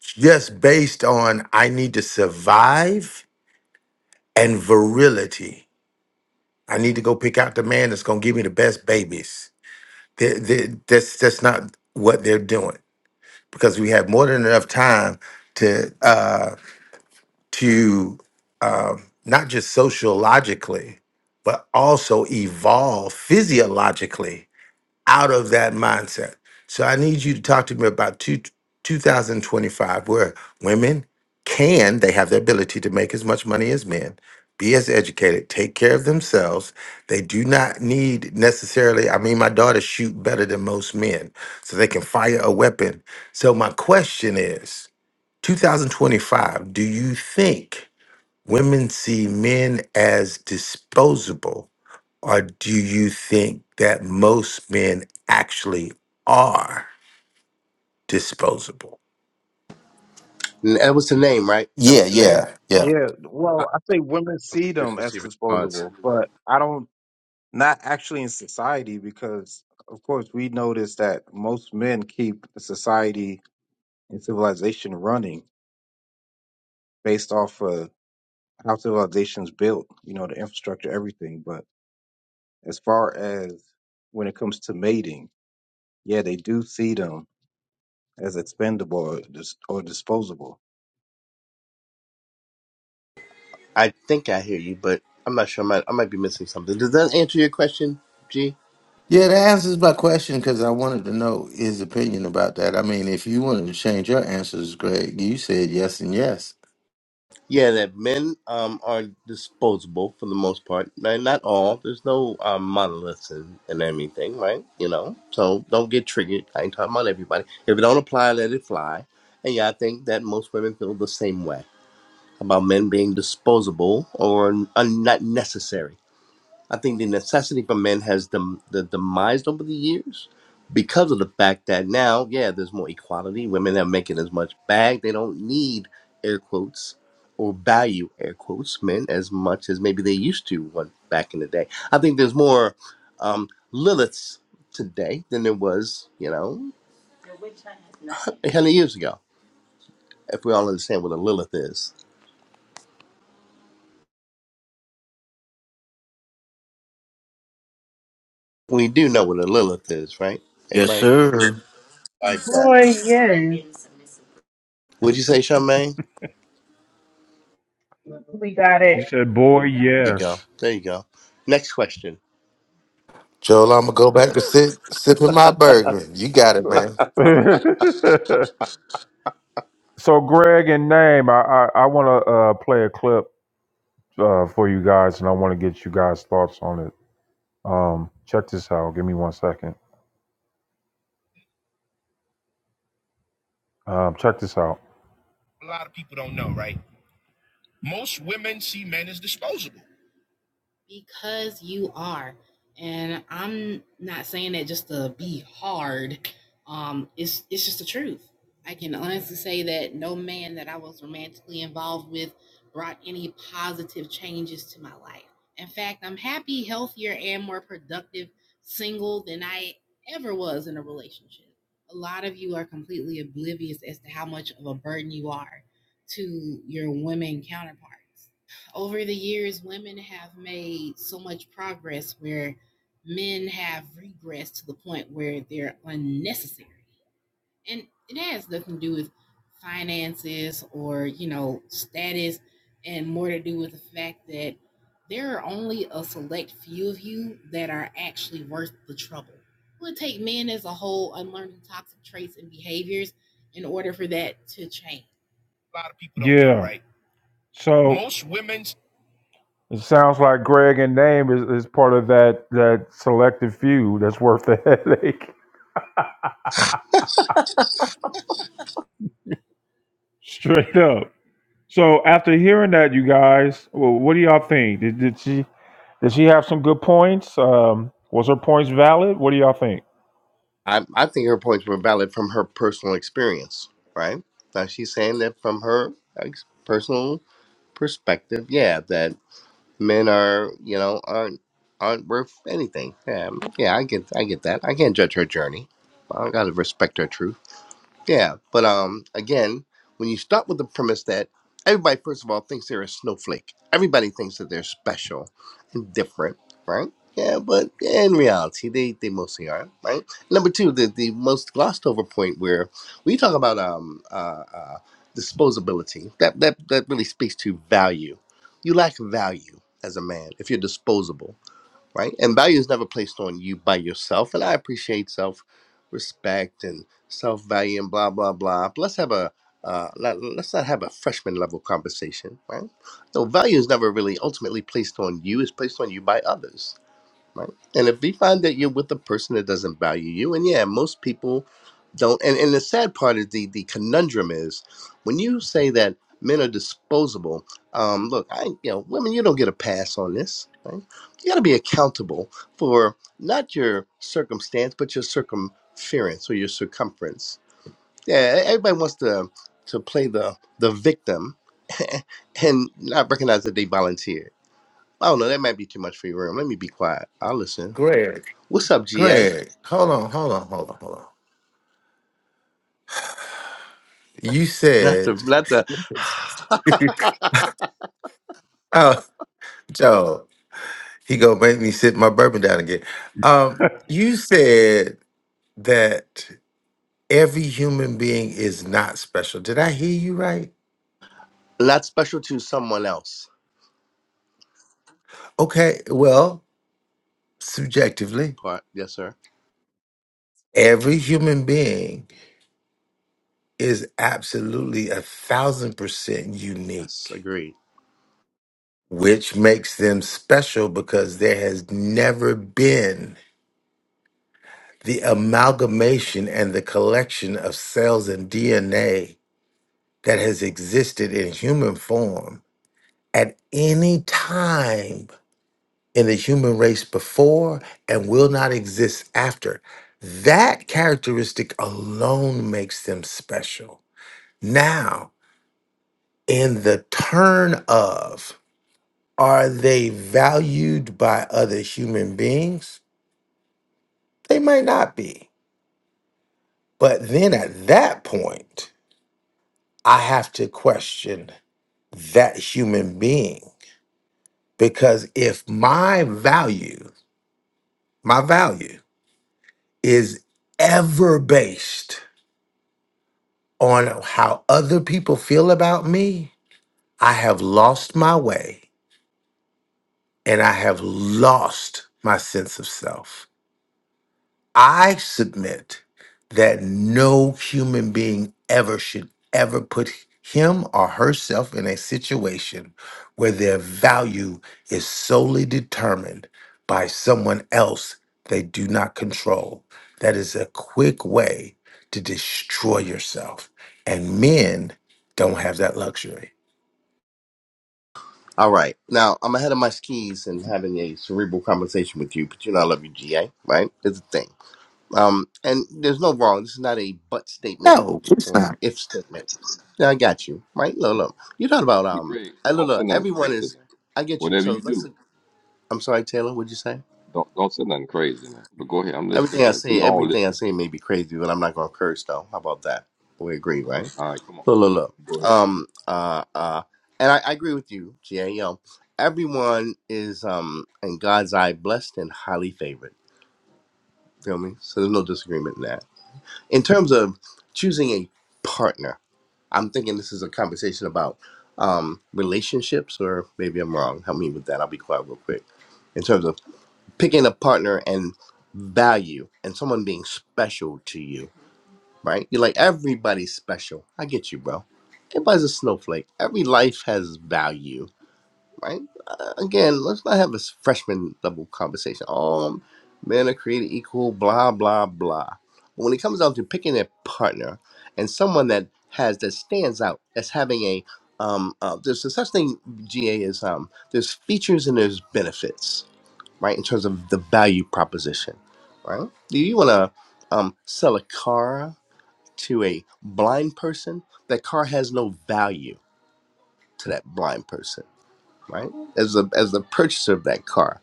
S8: just based on I need to survive and virility. I need to go pick out the man that's going to give me the best babies. Th- th- that's that's not what they're doing because we have more than enough time to uh, to um, not just sociologically, but also evolve physiologically out of that mindset. So I need you to talk to me about two, 2025, where women can, they have the ability to make as much money as men, be as educated, take care of themselves. They do not need necessarily, I mean, my daughters shoot better than most men, so they can fire a weapon. So my question is 2025, do you think women see men as disposable? or do you think that most men actually are disposable?
S15: That was the name, right? That
S8: Yeah,
S15: was the name.
S8: yeah, yeah.
S14: Yeah,
S15: High
S14: well, I think women see them as
S15: frequency response.
S14: disposable, but I don't not actually in society because of course we notice that most men keep the society and civilization running based off of how civilization's built, you know, the infrastructure, everything. But as far as when it comes to mating, yeah, they do see them as expendable or, dis- or disposable.
S15: I think I hear you, but I'm not sure. I might I might be missing something. Does that answer your question, G?
S8: Yeah, that answers my question because I wanted to know his opinion about that. I mean, if you wanted to change your answers, Greg, you said yes and yes.
S15: Yeah, that men um are disposable for the most part. Now, not all. There's no um, monoliths and, and anything, right? You know, so don't get triggered. I ain't talking about everybody. If it don't apply, let it fly. And yeah, I think that most women feel the same way about men being disposable or un- not necessary. I think the necessity for men has dem- the demised over the years because of the fact that now, yeah, there's more equality. Women are making as much bag. They don't need air quotes or value air quotes men as much as maybe they used to one back in the day. I think there's more um, Liliths today than there was, you know, a hundred years ago. If we all understand what a Lilith is, we do know what a Lilith is, right?
S5: Yes,
S15: Everybody
S5: sir.
S15: like that.
S16: Boy, yes.
S15: Would you say, Charmaine?
S16: We got it.
S2: She said, "Boy,
S15: There you go.
S2: yes."
S15: There you go. Next question.
S8: Joel, I'm gonna go back to sit sipping my bourbon. You got it, man.
S2: [laughs] So, Greg and Name, I I, I want to uh, play a clip uh, for you guys, and I want to get you guys' thoughts on it. Um, check this out. Give me one second. Um, check this out. yeah. Right. So most women's. It sounds like Greg and Name is, is part of that that selective few that's worth the [laughs] headache. Straight up. So after hearing that, you guys, well, what do y'all think? Did, did she did she have some good points? Um, was her points valid? What do y'all think?
S15: I, I think her points were valid from her personal experience, right? Now she's saying that from
S2: [laughs]
S15: her ex- personal perspective, yeah, that men are, you know, aren't aren't worth anything. Yeah, yeah, I get, I get that. I can't judge her journey. I gotta respect her truth. Yeah, but um, again, when you start with the premise that everybody, first of all, thinks they're a snowflake, everybody thinks that they're special and different, right? Yeah, but in reality, they they mostly are, right? Number two, the the most glossed over point where we talk about um uh, uh disposability that that that really speaks to value. You lack value as a man if you're disposable right? And value is never placed on you by yourself. And I appreciate self respect and self value and blah blah blah. But let's have a uh, let, let's not have a freshman level conversation, right? So value is never really ultimately placed on you; it's placed on you by others right? And if you find that you're with a person that doesn't value you, and yeah, most people don't. And, and the sad part is the the conundrum is when you say that men are disposable. Um, look, I you know women, you don't get a pass on this. Right? You got to be accountable for not your circumstance, but your circumference or your circumference. Yeah, e, everybody wants to to play the the victim [laughs] and not recognize that they volunteered. I don't know. That might be too much for your room. Let me be quiet. I'll listen.
S8: Greg,
S15: What's up, GA?
S8: Greg, hold on, hold on, hold on, hold on. You
S15: Not the
S8: said,
S15: not the
S8: [laughs] oh, Joel, he gonna make me sit my bourbon down again. Um, you said that every human being is not special. Did I hear you right?
S15: not special to someone else
S8: Okay, well, subjectively,
S15: part. Yes, sir.
S8: every human being is absolutely a thousand percent
S15: Yes,
S8: unique,
S15: agreed.
S8: which makes them special because there has never been the amalgamation and the collection of cells and DNA that has existed in human form at any time in the human race before and will not exist after. That characteristic alone makes them special. Now, in the turn of, are they valued by other human beings? They might not be. But then at that point, I have to question that human being because if my value, my value is ever based on how other people feel about me, I have lost my way and I have lost my sense of self. I submit that no human being ever should ever put him or herself in a situation where their value is solely determined by someone else they do not control. That is a quick way to destroy yourself. And men don't have that luxury.
S15: All right. Now I'm ahead of my skis and having a cerebral conversation with you, but you know I love you, GA, right? It's a thing. Um and there's no wrong. This is not a but statement
S8: No, it's
S15: or an
S8: not.
S15: if statement. Yeah, I got you. Right? Look, look. You thought about
S6: But
S15: um
S6: Greg,
S15: I look,
S6: don't say
S15: look,
S6: nothing
S15: everyone
S6: crazy
S15: is
S6: now.
S15: I get you.
S6: Whatever
S15: So
S6: you
S15: let's
S6: do,
S15: I'm sorry, Taylor, what'd you say?
S6: don't don't say nothing crazy now. But go ahead, I'm listening,
S15: Everything I
S6: brother. We
S15: say,
S6: all
S15: everything I
S6: listening.
S15: say may be crazy, but I'm not gonna curse though. How about that? We agree,
S6: Okay,
S15: right?
S6: all right, come on,
S15: Look, look, look.
S6: go ahead.
S15: Um, uh, uh, and I, I agree with you, GA. You everyone is, um, in God's eye, blessed and highly favored. Feel me? So there's no disagreement in that. In terms of choosing a partner, I'm thinking this is a conversation about um, relationships, or maybe I'm wrong. Help me with that. I'll be quiet real quick. In terms of picking a partner and value and someone being special to you right? You're like, everybody's special. I get you, bro. Everybody's a snowflake. Every life has value, right? Uh, again, let's not have a s- freshman level conversation. Oh, men are created equal, blah, blah, blah. But when it comes down to picking a partner and someone that has, that stands out, that's having a, um, uh, there's a such thing, GA, is um, there's features and there's benefits, right? In terms of the value proposition, right? Do you want to um, sell a car? to a blind person, that car has no value to that blind person, right? As a as the purchaser of that car,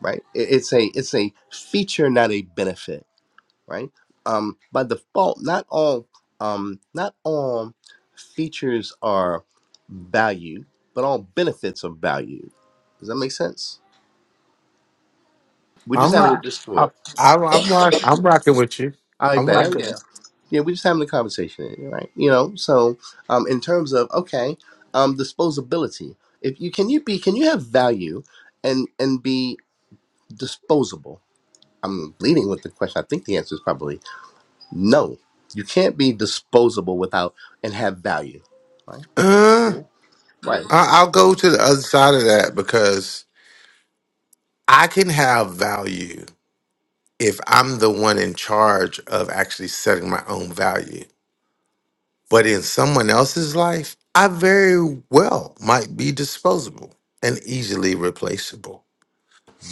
S15: right? It- it's a it's a feature, not a benefit, right? Um, by default, not all um, not all features are valued, but all benefits are valued. Does that make sense? We're
S8: I'm
S15: just having a
S8: right. I'm,
S15: discord.
S8: I'm, I'm, rock- I'm rocking with you.
S15: I
S8: I'm
S15: bet. Oh, Yeah.
S8: rocking with
S15: Yeah, we're just having a conversation, right? You know, so um, in terms of okay, um, disposability. If you can you be can you have value and and be disposable? I'm leading with the question. I think the answer is probably no. You can't be disposable without and have value, right?
S8: you.
S15: Cool, right?
S8: I- I'll go to the other side of that because I can have value if I'm the one in charge of actually setting my own value. But in someone else's life, I very well might be disposable and easily replaceable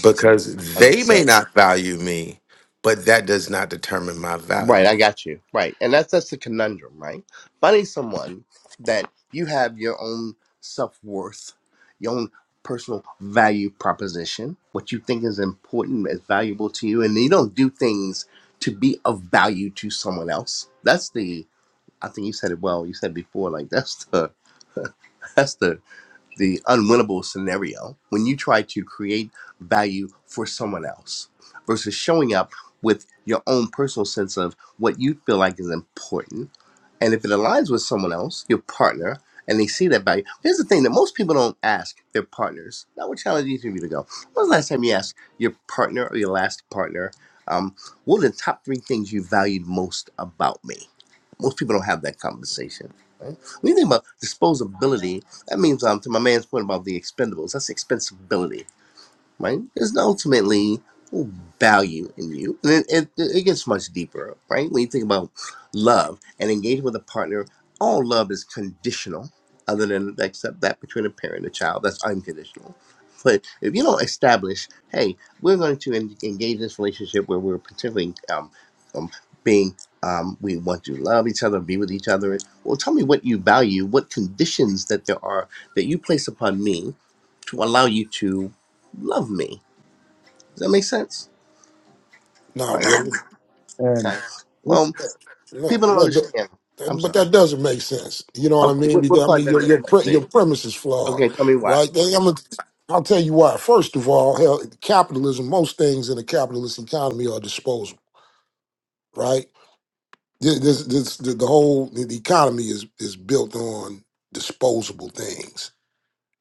S8: because
S15: Hundred
S8: they
S15: percent.
S8: may not value me, but that does not determine my
S15: Right,
S8: value.
S15: I got you. Right. And that's that's the conundrum, right? Finding someone that you have your own self worth, your own personal value proposition, what you think is important, is valuable to you, and you don't do things to be of value to someone else. That's the I think you said it well, you said before, like that's the [laughs] that's the the unwinnable scenario when you try to create value for someone else versus showing up with your own personal sense of what you feel like is important and if it aligns with someone else, your partner, and they see that value, here's the thing that most people don't ask their partners. Now, what challenge each of you to go? When was the last time you asked your partner or your last partner, um, what are the top three things you valued most about me? Most people don't have that conversation. Right? When you think about disposability, that means um, to my man's point about the expendables, that's expensibility right? Because ultimately, value in you. And it, it, it gets much deeper, right? When you think about love and engaging with a partner, all love is conditional, other than except that between a parent and a child, that's unconditional. But if you don't establish, hey, we're going to en- engage this relationship where we're particularly um, um, being, um, we want to love each other, be with each other. Well, tell me what you value, what conditions that there are that you place upon me to allow you to love me does that make sense?
S13: not
S15: Right.
S13: really
S14: And
S15: Okay.
S14: this,
S15: Well,
S13: no,
S15: people don't
S13: no th-
S15: understand. I'm
S13: that- but
S15: sorry.
S13: that doesn't make sense you know what i
S15: Okay,
S13: mean
S15: what,
S13: because
S15: what
S13: i
S15: part
S13: mean
S15: doesn't
S13: your
S15: make
S13: your,
S15: sense,
S13: pre- your
S15: big?
S13: premise is flawed
S15: Okay, tell me why.
S13: right They- i'm a, I'll tell you why. First of all, hell, capitalism, most things in a capitalist economy are disposable right? This, this, this the, the whole the the economy is is built on disposable things.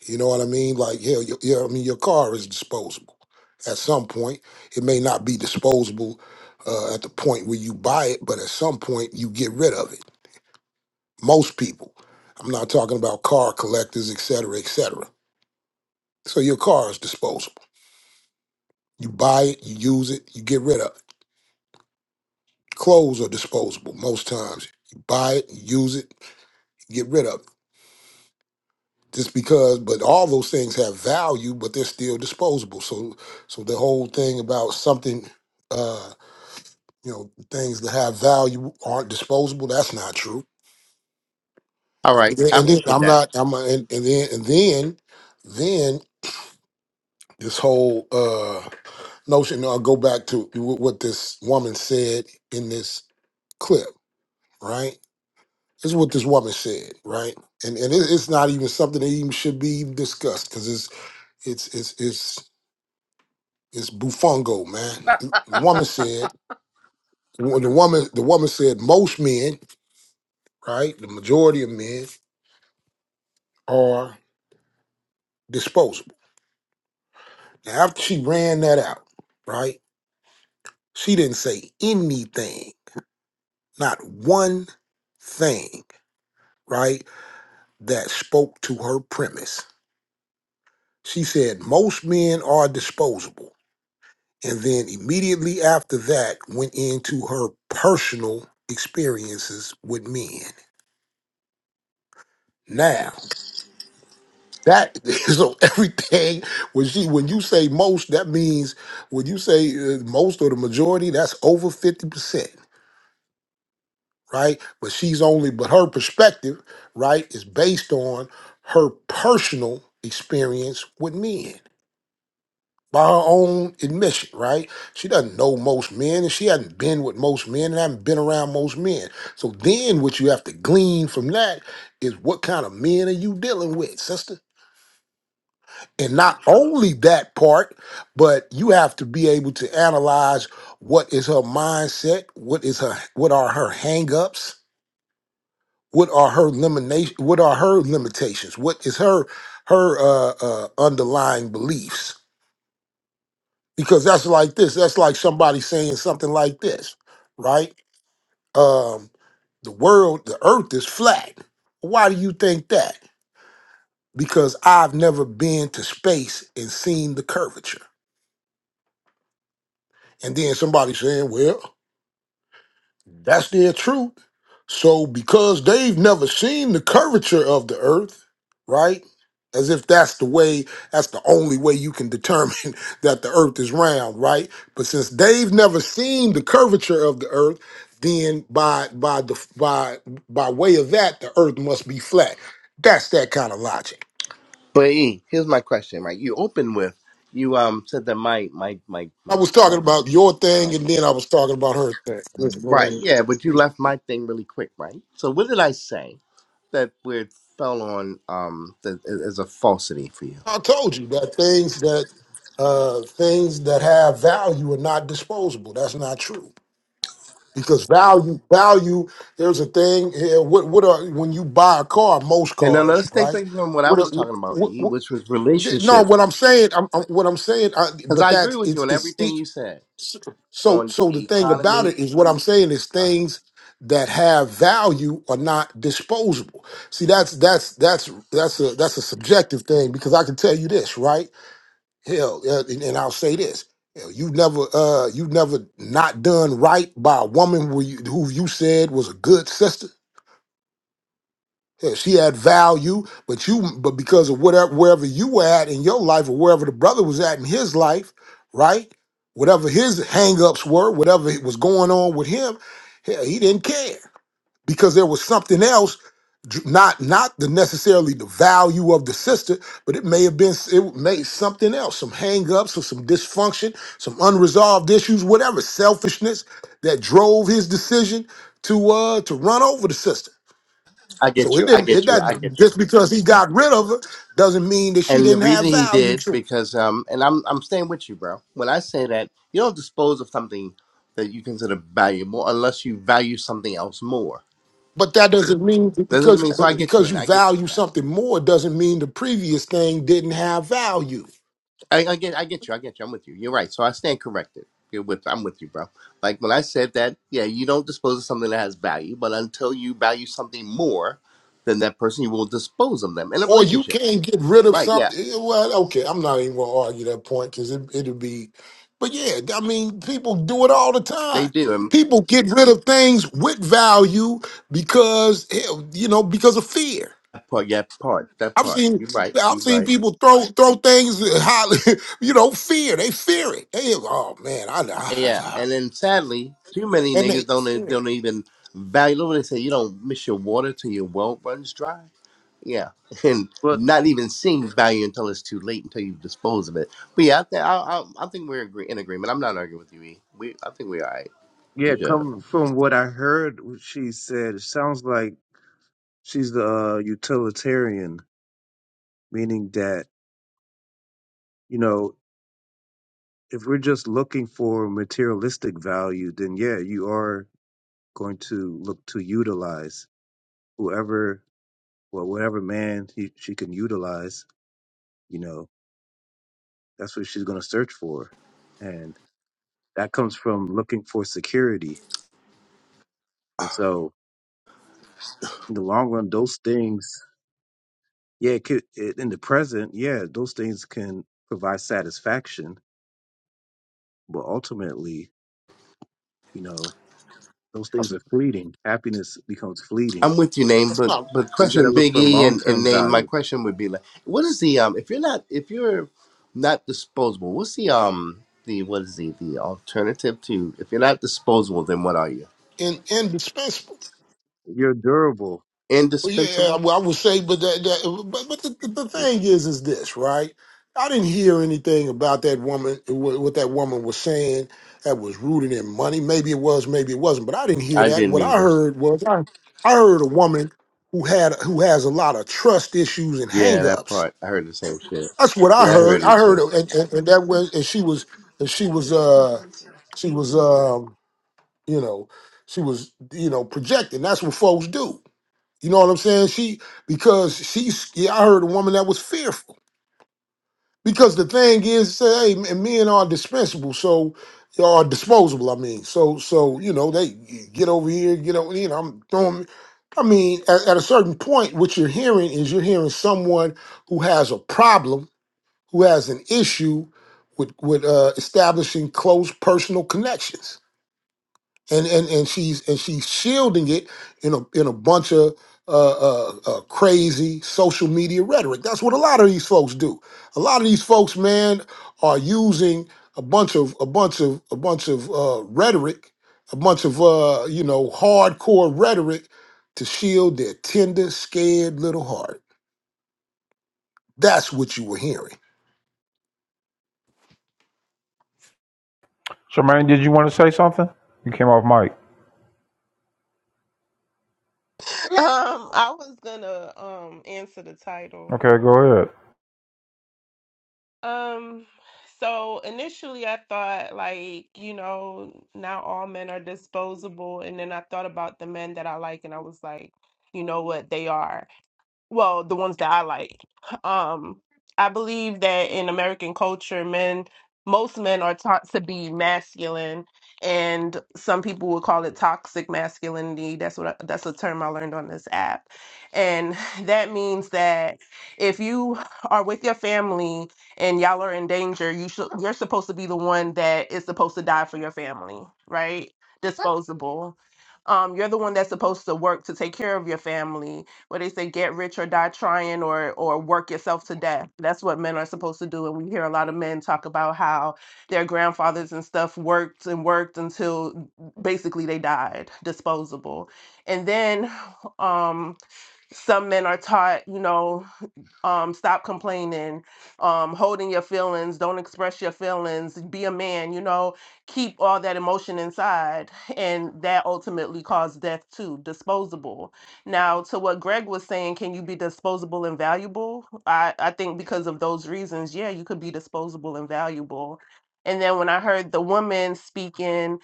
S13: You know what I mean? Like, hell, your, your, I mean, your car is disposable. At some point, it may not be disposable uh, at the point where you buy it, but at some point, you get rid of it. Most people. I'm not talking about car collectors, et cetera, et cetera. So your car is disposable. You buy it, you use it, you get rid of it. Clothes are disposable most times. You buy it, you use it, you get rid of it just because but all those things have value but they're still disposable so so the whole thing about something uh you know things that have value aren't disposable that's not true
S15: All right,
S13: and then
S15: I appreciate
S13: i'm
S15: that.
S13: not i'm not- and, and then and then then this whole uh notion i'll go back to wh- what this woman said in this clip right this is what this woman said right and and it, it's not even something that even should be even discussed because it's it's it's it's It's bufongo, man. The the woman
S15: [laughs]
S13: said, well, the woman, the woman said, most men, right, the majority of men are disposable. Now, after she ran that out, right, she didn't say anything, not one thing, right, that spoke to her premise. She said, most men are disposable. And then immediately after that, went into her personal experiences with men. Now, That [laughs] so everything when she when you say most, that means when you say uh, most or the majority, that's over fifty percent, right? But she's only, but her perspective, right, is based on her personal experience with men by her own admission, right? She doesn't know most men, and she hasn't been with most men, and hasn't been around most men. So then, what you have to glean from that is what kind of men are you dealing with, sister? And not only that part, but you have to be able to analyze what is her mindset, what is her what are her hangups, what are her limitation, what are her limitations, what is her her uh, uh, underlying beliefs. Because that's like this. That's like somebody saying something like this, right? Um, the world, the earth is flat. Why do you think that? Because I've never been to space and seen the curvature. And then somebody saying, well, That's their truth. So because they've never seen the curvature of the earth, right? As if that's the way, that's the only way you can determine [laughs] that the earth is round, right? But since they've never seen the curvature of the earth, then by by the by by way of that, the earth must be flat. That's that kind of logic.
S15: But E, here's my question, right? You opened with, you um said that my my my
S13: I
S15: my
S13: was talking
S15: my
S13: about your thing
S15: um
S13: and then I was talking about her
S15: right,
S13: thing.
S15: yeah, but you left my thing really quick, right? So what did I say that where it fell on um that is is a falsity for you?
S13: I told you that things that uh, things that have value are not disposable. That's not true because value value. There's a thing here. What what are when you buy a car? Most
S15: And now
S13: cars,
S15: let's take
S13: right?
S15: things from what I
S13: What, are,
S15: was talking about,
S13: what,
S15: E,
S13: what
S15: which was
S13: no,
S15: relationships.
S13: what I'm saying, I'm, I'm- what I'm saying, I,
S15: Because
S13: but
S15: I agree
S13: that's
S15: with you
S13: it's
S15: on
S13: it's
S15: everything
S13: sti-
S15: you said.
S13: so so.
S15: on
S13: so The
S15: the
S13: thing about
S15: economy.
S13: it is, what I'm saying is
S15: Uh,
S13: things that have value are not disposable. See, that's that's that's that's a that's a subjective thing because I can tell you this, right? Hell, uh, and, and I'll say this: hell, you never, uh, you never not done right by a woman who you, who you said was a good sister. Hell, she had value, but you, but because of whatever, wherever you were at in your life, or wherever the brother was at in his life, right? Whatever his hangups were, whatever was going on with him, hell, he didn't care because there was something else dr- not not the necessarily the value of the sister but it may have been it may something else some hangups or some dysfunction some unresolved issues whatever selfishness that drove his decision to uh to run over the sister
S15: I
S13: so
S15: get
S13: it
S15: you. I
S13: didn't it
S15: get you. I
S13: doesn't
S15: get you.
S13: just because he got rid of her doesn't mean that she
S15: And the
S13: didn't have
S15: reason he
S13: value
S15: did
S13: to him
S15: because um and I'm I'm staying with you, bro. When I say that you don't dispose of something that you consider valuable unless you value something else more.
S13: but that doesn't mean
S15: That doesn't
S13: because
S15: mean so.
S13: but
S15: I get you,
S13: because
S15: and
S13: you
S15: I get
S13: value something more doesn't mean the previous thing didn't have value
S15: I, I get I get you. I get you. I'm with you. You're right. So I stand corrected. You're with I'm with you, bro. Like when I said that, yeah, you don't dispose of something that has value, but until you value something more than that person, you will dispose of them in a
S13: or you
S15: relationship.
S13: can't get rid of
S15: Right? Yeah,
S13: something. eh, Well, okay, I'm not even gonna argue that point because it, it'll be. But yeah, I mean, people do it all the
S15: they
S13: time.
S15: do.
S13: People get rid of things with value because hell, you know because of fear.
S15: That part, yeah, part, that
S13: I've
S15: part.
S13: seen
S15: You're right.
S13: I've
S15: You're
S13: seen
S15: right.
S13: people throw throw things highly, [laughs] you know, fear. They fear it. They oh man, I, I
S15: Yeah,
S13: I-
S15: and then sadly, too many
S13: and they
S15: niggas don't e-
S13: fear it.
S15: don't even value. Look what they say. You don't miss your water till your well runs dry. Yeah, [laughs] and
S14: but
S15: not even seeing value until it's too late, until you dispose of it. But yeah, I think I, I, I think we're agree- in agreement. I'm not arguing with you. E. We, I think we're all right.
S14: yeah,
S15: We good.
S14: coming from what I heard, what she said, it sounds like she's the uh, utilitarian, meaning that you know, if we're just looking for materialistic value, then yeah, you are going to look to utilize whoever, well, whatever man he, she can utilize. You know, that's what she's going to search for, and that comes from looking for security. And so, in the long run, those things Yeah, it could, it, in the present, yeah, those things can provide satisfaction, but ultimately, you know, those
S13: that's,
S14: things are fleeting. Happiness becomes fleeting,
S15: I'm with you, name,
S13: that's
S15: but
S13: not
S15: but
S14: but you got to
S15: question
S14: look
S15: Big
S14: for
S15: E
S14: long
S15: and, and
S14: term
S15: name. My
S14: value.
S15: question would be like, what is the um if you're not if you're not disposable, what's the um the what is the the alternative to if you're not disposable, then what are you?
S13: in, indispensable.
S14: You're durable.
S13: Well, yeah,
S15: Indispensable?
S13: well, I would say, but that, that but, but the, the
S14: Yeah,
S13: thing is, is this right? I didn't hear anything about that woman, what what that woman was saying that was rooted in money. Maybe it was, maybe it wasn't, but I didn't hear
S15: I
S13: that.
S15: didn't
S13: What I
S15: either.
S13: heard was, I, I heard a woman who had who has a lot of trust issues and
S15: Yeah, that
S13: hangups.
S15: part. I heard the same shit.
S13: That's what I
S15: Yeah, I
S13: heard.
S15: heard
S13: I
S15: it
S13: heard,
S15: too.
S13: and, and, and that was, and she was, and she was, uh, she was, um, you know, she was, you know, projecting. That's what folks do you know what I'm saying? She because she's yeah, I heard a woman that was fearful. Because the thing is, say, hey, m- men are dispensable, so are disposable. I mean, so so you know they get over here, get over. You know, I'm throwing. I mean, at, at a certain point, what you're hearing is you're hearing someone who has a problem, who has an issue with with uh, establishing close personal connections and and and she's and she's shielding it in a in a bunch of uh, uh, uh, crazy social media rhetoric. That's what a lot of these folks do. A lot of these folks, man, are using a bunch of a bunch of a bunch of uh, rhetoric, a bunch of uh, you know hardcore rhetoric to shield their tender, scared little heart. That's what you were hearing.
S2: Charmaine, did you want to say something? You came off mic.
S16: Um, I was gonna um answer the title.
S2: Okay, go ahead.
S16: Um, so initially I thought like, you know, now all men are disposable, and then I thought about the men that I like, and I was like, you know what, they are. well, the ones that I like. Um, I believe that in American culture, men, most men are taught to be masculine, and some people would call it toxic masculinity. That's what I, that's a term I learned on this app, and [sighs] that means that if you are with your family and y'all are in danger, you should you're supposed to be the one that is supposed to die for your family, right? Disposable. Um, you're the one that's supposed to work to take care of your family what they say, get rich or die trying or or work yourself to death. That's what men are supposed to do. And we hear a lot of men talk about how their grandfathers and stuff worked and worked until mm, basically they died, disposable. And then um some men are taught, you know, um stop complaining um holding your feelings don't express your feelings be a man you know keep all that emotion inside and that ultimately caused death too disposable now to what greg was saying can you be disposable and valuable i i think because of those reasons yeah you could be disposable and valuable and then when i heard the woman speaking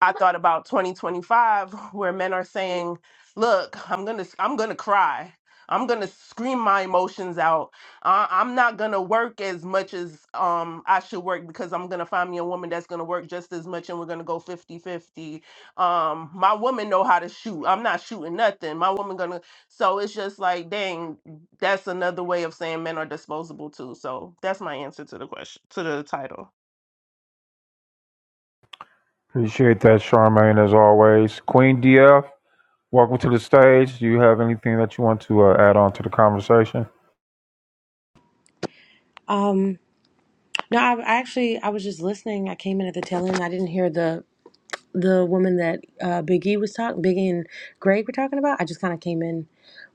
S16: I thought about 2025 where men are saying, "Look, I'm going to I'm going to cry. I'm going to scream my emotions out. I, I'm not going to work as much as um I should work because I'm going to find me a woman that's going to work just as much and we're going to go 50/50. Um my woman know how to shoot. I'm not shooting nothing. My woman going to So it's just like, dang, that's another way of saying men are disposable too. So that's my answer to the question to the title.
S2: Appreciate that, Charmaine, as always. Queen DF, welcome to the stage. Do you have anything that you want to uh, add on to the conversation?
S17: Um, no, I I actually I was just listening. I came in at the tail end. I didn't hear the the woman that uh, Big E was talking, Big E and Greg were talking about. I just kind of came in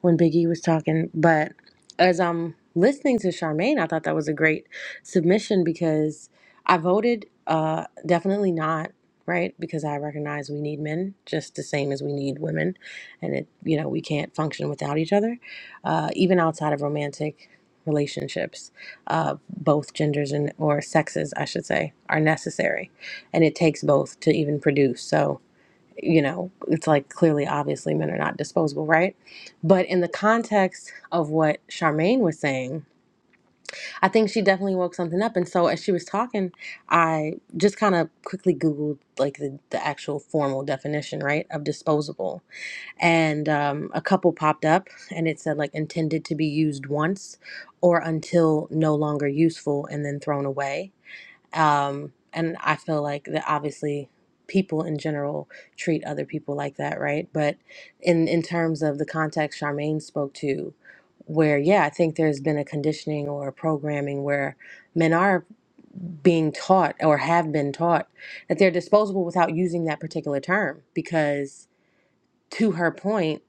S17: when Big E was talking, but as I'm listening to Charmaine, I thought that was a great submission because I voted uh, definitely not right because I recognize we need men just the same as we need women, and it you know we can't function without each other, uh, even outside of romantic relationships. Uh, both genders and or sexes, I should say, are necessary and it takes both to even produce. So, you know, it's like clearly, obviously, men are not disposable, right? But in the context of what Charmaine was saying, I think she definitely woke something up. And so, as she was talking, I just kind of quickly Googled like the, the actual formal definition, right, of disposable. And um, a couple popped up and it said like intended to be used once or until no longer useful and then thrown away um, and I feel like that obviously people in general treat other people like that, right? But in in terms of the context Charmaine spoke to, where yeah, I think there's been a conditioning or a programming where men are being taught or have been taught that they're disposable without using that particular term because to her point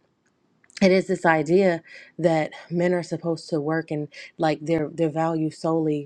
S17: it is this idea that men are supposed to work and like their their value solely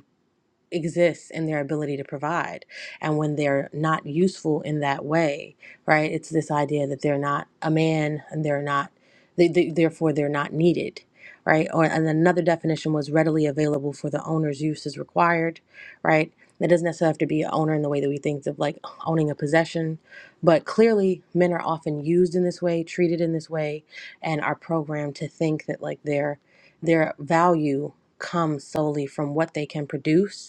S17: exists in their ability to provide. And when they're not useful in that way, right, it's this idea that they're not a man and they're not, they, they, therefore, they're not needed. Right, or and another definition was readily available for the owner's use as required. Right, that doesn't necessarily have to be an owner in the way that we think of like owning a possession, but clearly men are often used in this way, treated in this way, and are programmed to think that like their their value comes solely from what they can produce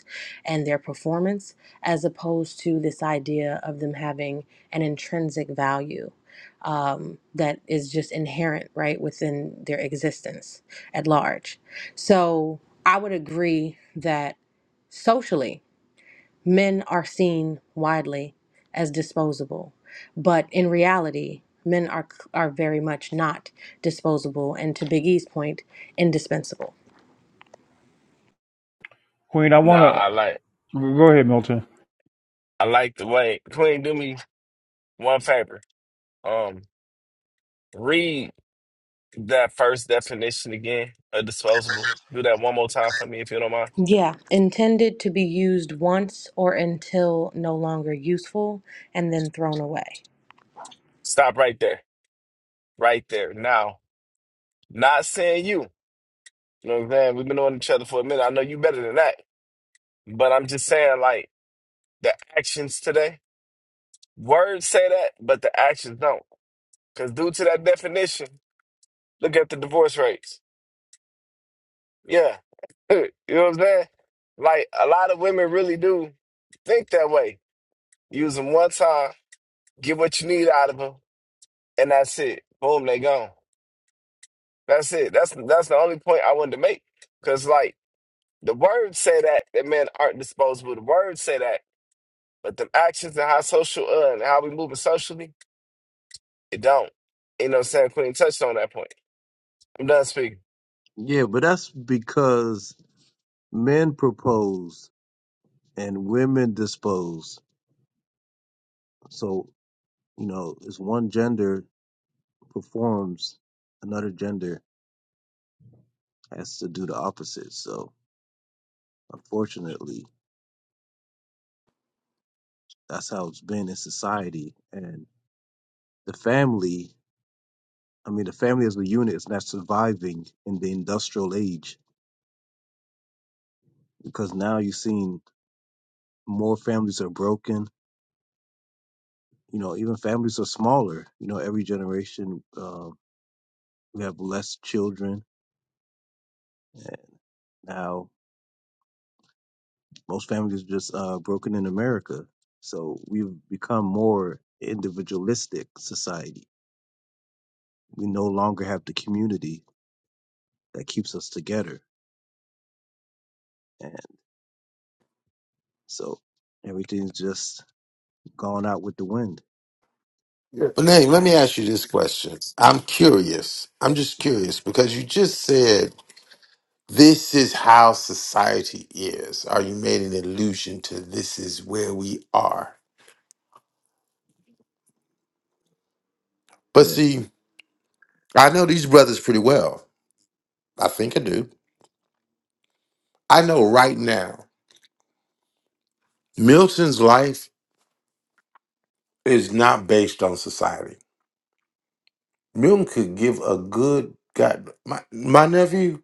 S17: and their performance as opposed to this idea of them having an intrinsic value um, that is just inherent right within their existence at large so i would agree that socially men are seen widely as disposable but in reality men are are very much not disposable and to biggie's point indispensable
S2: Queen, I want
S10: Nah, I
S2: to
S10: like
S2: go ahead, Milton.
S10: I like the way Queen do me one favor. Um, read that first definition again of disposable. Do that one more time for me if you don't mind.
S17: Yeah, intended to be used once or until no longer useful and then thrown away.
S10: Stop right there. Right there. Now, not saying you. You know what I'm saying? We've been on each other for a minute. I know you better than that. But I'm just saying like the actions today. Words say that, but the actions don't. Because due to that definition, look at the divorce rates. Yeah. [laughs] you know what I'm saying? Like, a lot of women really do think that way. Use them one time, get what you need out of them, and that's it. Boom, they gone. That's it. That's that's the only point I wanted to make. Because, like, the words say that, that men aren't disposable. The words say that, but the actions and how social uh, and how we moving socially, it don't. You know what I'm saying? Queen touched on that point. I'm done speaking.
S14: Yeah, but that's because men propose and women dispose. So, you know, as one gender performs, another gender has to do the opposite. So, unfortunately, that's how it's been in society. and. The family, I mean, the family as a unit is not surviving in the industrial age because now you're seeing more families are broken. You know, even families are smaller. You know, every generation uh, we have less children. And now most families are just uh, broken in America. So we've become more individualistic society. We no longer have the community that keeps us together. And so everything's just gone out with the wind.
S13: Yeah.
S8: But Nate, let me ask you this question. I'm curious. I'm just curious because you just said This is how society is. Or you made an allusion to this is where we are. But see, I know these brothers pretty well. I think I do. I know right now, Milton's life is not based on society. Milton could give a good God. My, my nephew,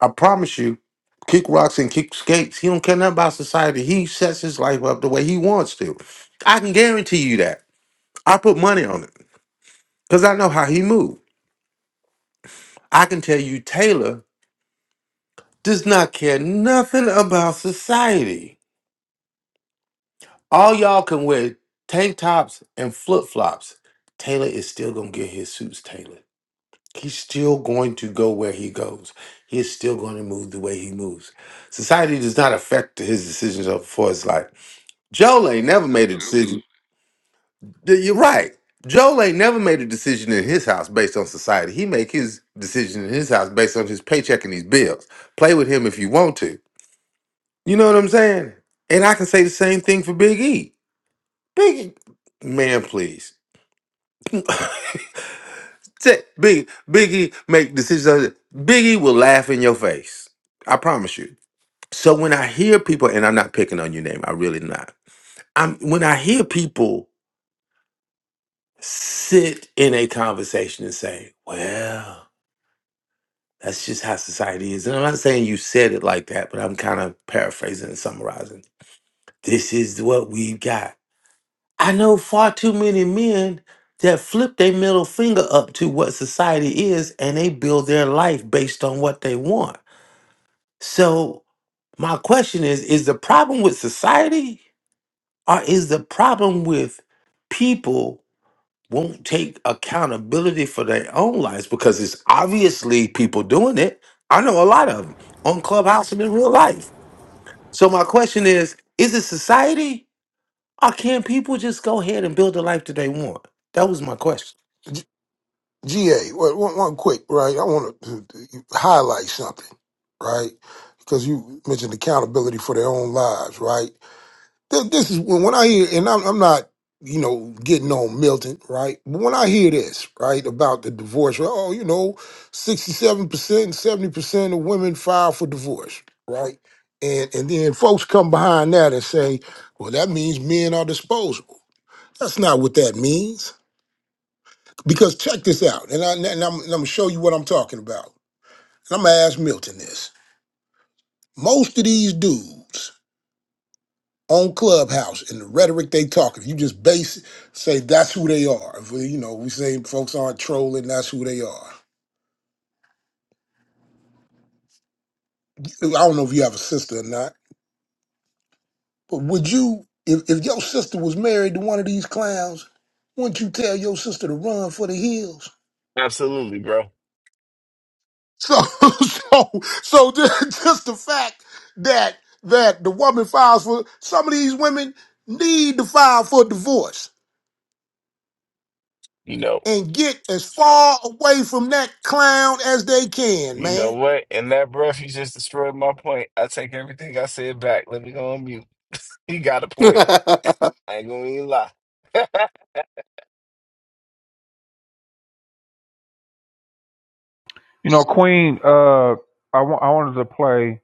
S8: I promise you, kick rocks and kick skates. He don't care nothing about society. He sets his life up the way he wants to. I can guarantee you that. I put money on it because I know how he moves. I can tell you Taylor does not care nothing about society. All y'all can wear tank tops and flip flops. Taylor is still gonna get his suits tailored. He's still going to go where he goes. He is still going to move the way he moves. Society does not affect his decisions of- for his life. Joel ain't never made a
S6: Absolutely.
S8: decision. Th- You're right. Joel ain't never made a decision in his house based on society. He make his decision in his house based on his paycheck and his bills. Play with him if you want to You know what I'm saying? And I can say the same thing for Big E. Big E, man, please. [laughs] Say- Big Big E make decisions. on it. Big E will laugh in your face. I promise you. So when I hear people, and I'm not picking on your name, I really not. I'm when I hear people sit in a conversation and say, "Well, that's just how society is," and I'm not saying you said it like that, but I'm kind of paraphrasing and summarizing. This is what we've got I know far too many men that flip their middle finger up to what society is and they build their life based on what they want. So, my question is is the problem with society or is the problem with people won't take accountability for their own lives because it's obviously people doing it. I know a lot of them on Clubhouse and in real life. So, my question is is it society Or can people just go ahead and build the life that they want? That was my question.
S13: GA, well, one, one quick, right? I want to highlight something, right? Because you mentioned accountability for their own lives, right? Th- This is when, when I hear, and I'm, I'm not, you know, getting on Milton, right? But when I hear this, right, about the divorce, well, oh, you know, 67%, 70% of women file for divorce, right? And, and then folks come behind that and say, well, that means men are disposable. That's not what that means because check this out, and, I, and I'm, and I'm gonna show you what I'm talking about. And I'm gonna ask Milton this. Most of these dudes on Clubhouse and the rhetoric they talk, if you just base say that's who they are. If we, you know, we say folks aren't trolling, that's who they are. I don't know if you have a sister or not, but would you, if, if your sister was married to one of these clowns, wouldn't you tell your sister to run for the hills?
S10: Absolutely, bro.
S13: So, [laughs] so, so just, just the fact that that the woman files for some of these women need to file for divorce
S10: You know,
S13: and get as far away from that clown as they can,
S10: you know
S13: man.
S10: what? In that breath, you just destroyed my point. I take everything I said back. Let me go on mute. He got a point.
S8: [laughs]
S10: I ain't gonna even lie. [laughs]
S2: You know, Queen, uh, I wa- I wanted to play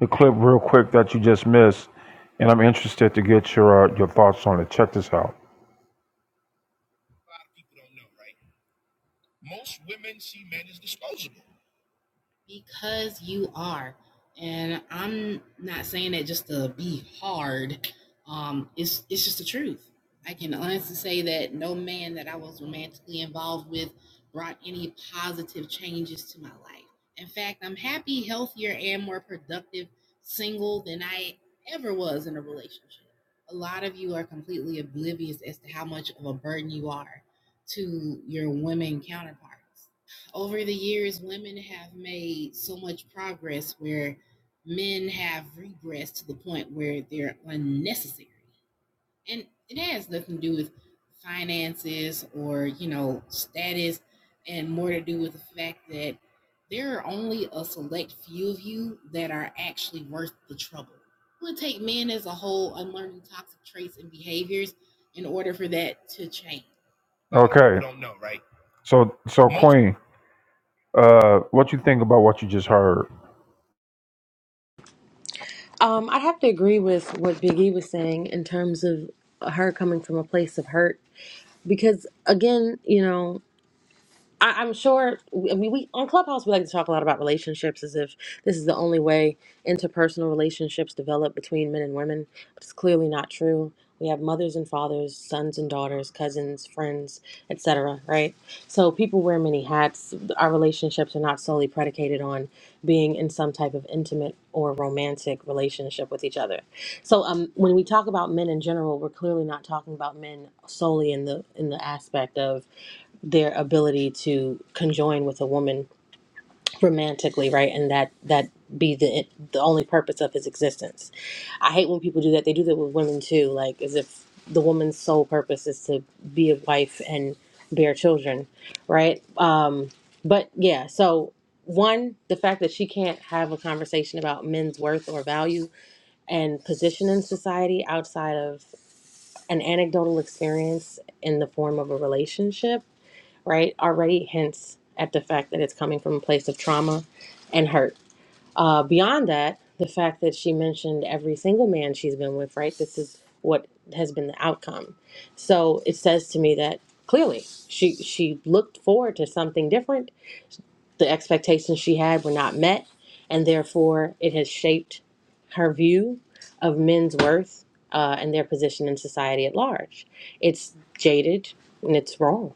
S2: the clip real quick that you just missed, and I'm interested to get your uh, your thoughts on it. Check this out. Okay. So, so Queen, uh, what you think about what you just heard?
S17: Um, I have to agree with what Big E was saying in terms of her coming from a place of hurt because again, you know, I, I'm sure. I mean, we on Clubhouse we like to talk a lot about relationships, as if this is the only way interpersonal relationships develop between men and women. But it's clearly not true. We have mothers and fathers, sons and daughters, cousins, friends, etc. Right? So people wear many hats. Our relationships are not solely predicated on being in some type of intimate or romantic relationship with each other. So um, when we talk about men in general, we're clearly not talking about men solely in the in the aspect of their ability to conjoin with a woman romantically, right? And that that be the the only purpose of his existence. I hate when people do that. They do that with women too, like as if the woman's sole purpose is to be a wife and bear children, right? Um, but yeah, so one, the fact that she can't have a conversation about men's worth or value and position in society outside of an anecdotal experience in the form of a relationship right, already hints at the fact that it's coming from a place of trauma and hurt. Uh, beyond that, the fact that she mentioned every single man she's been with, right, this is what has been the outcome. So it says to me that clearly she she looked forward to something different. The expectations she had were not met, and therefore it has shaped her view of men's worth uh, and their position in society at large. It's jaded and it's wrong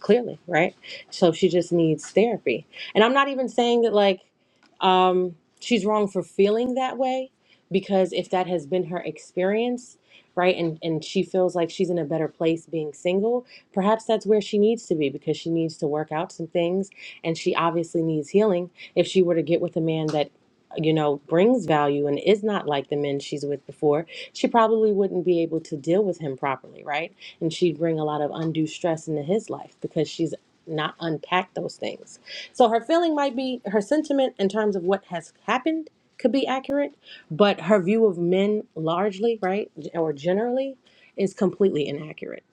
S17: clearly, right? So she just needs therapy. And I'm not even saying that like um she's wrong for feeling that way because if that has been her experience, right? And and she feels like she's in a better place being single, perhaps that's where she needs to be because she needs to work out some things and she obviously needs healing if she were to get with a man that you know brings value and is not like the men she's with before she probably wouldn't be able to deal with him properly, right? And she'd bring a lot of undue stress into his life because she's not unpacked those things. So her feeling might be her sentiment in terms of what has happened could be accurate, but her view of men largely, right, or generally is completely inaccurate.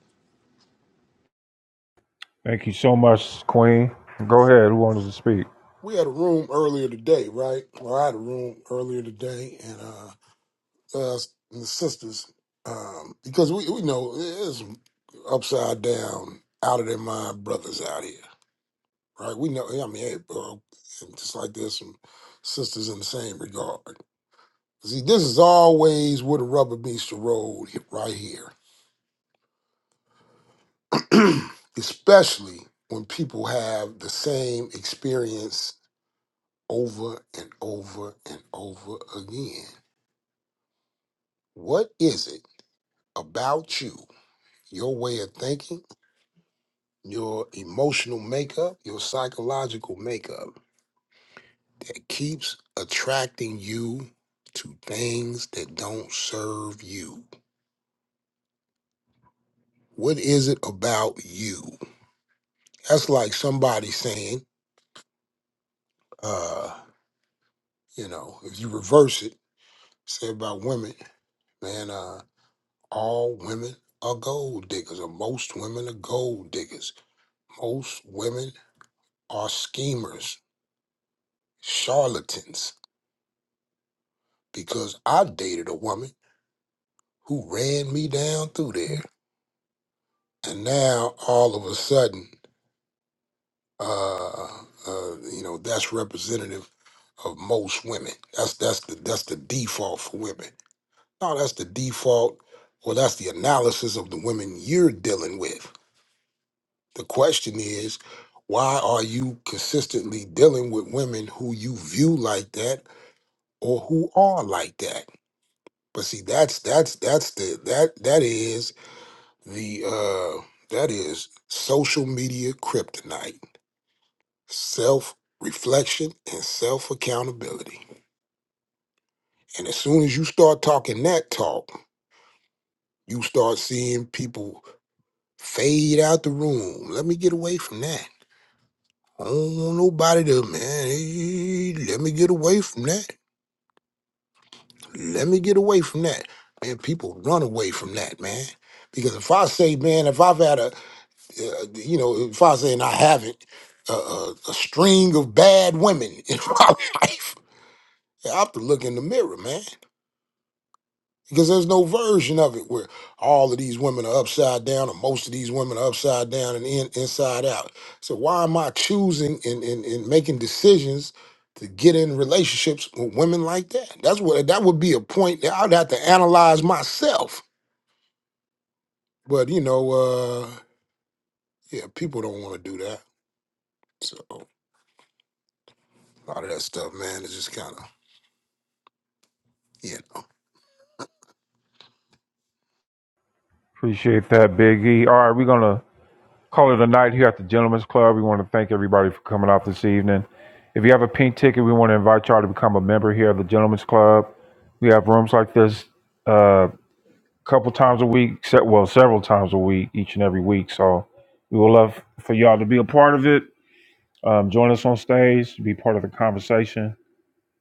S2: Thank you so much, Queen. Go ahead. Who wants to speak?
S13: We had a room earlier today, right? Well, I had a room earlier today, and uh, us and the sisters, um, because we we know there's some upside down, out of their mind brothers out here. right? We know, I mean, hey, bro, and just like there's some sisters in the same regard. See, this is always where the rubber meets the road, he- right here, [clears throat] especially when people have the same experience over and over and over again. What is it about you, your way of thinking, your emotional makeup, your psychological makeup? It keeps attracting you to things that don't serve you. What is it about you? That's like somebody saying, uh, you know, if you reverse it, say about women, man, uh, all women are gold diggers, or most women are gold diggers. Most women are schemers, charlatans, because I dated a woman who ran me down through there. And now all of a sudden, Uh, uh, you know, that's representative of most women. That's that's the that's the default for women. No, that's the default, or that's the analysis of the women you're dealing with. The question is, why are you consistently dealing with women who you view like that or who are like that? But see, that's that's that's the that that is the uh that is social media kryptonite self reflection and self accountability. And as soon as you start talking that talk, you start seeing people fade out the room. Let me get away from that. I don't want nobody to, man, eh, let me get away from that. Let me get away from that. Man, people run away from that, man. Because if I say, man, if I've had a, uh, you know, if I say and I haven't, uh, a, a a string of bad women [laughs] in my life, I have to look in the mirror, man. because there's no version of it where all of these women are upside down or most of these women are upside down and in, inside out so why am i choosing and, and, and making decisions to get in relationships with women like that that's what that would be a point that i'd have to analyze myself but you know uh yeah people don't want to do that so a lot of that stuff man is just kind of yeah
S2: Appreciate that, Big E. All right, we're gonna call it a night here at the Gentlemen's Club. We want to thank everybody for coming out this evening. If you have a pink ticket, we want to invite y'all to become a member here at the Gentlemen's Club. We have rooms like this a uh, couple times a week, se- well, several times a week, each and every week. So we would love for y'all to be a part of it. Um, join us on stage, be part of the conversation,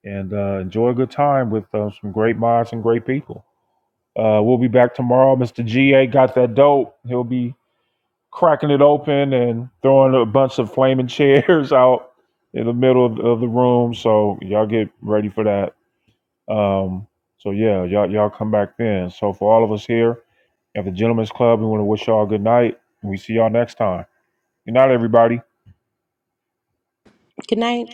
S2: and uh, enjoy a good time with uh, some great minds and great people. Uh, we'll be back tomorrow. Mr. GA got that dope. He'll be cracking it open and throwing a bunch of flaming [laughs] chairs out in the middle of, of the room. So y'all get ready for that. Um, so yeah, y'all y'all come back then. So for all of us here at the Gentlemen's Club, we want to wish y'all a good night. And we see y'all next time. Good night, everybody.
S17: Good night.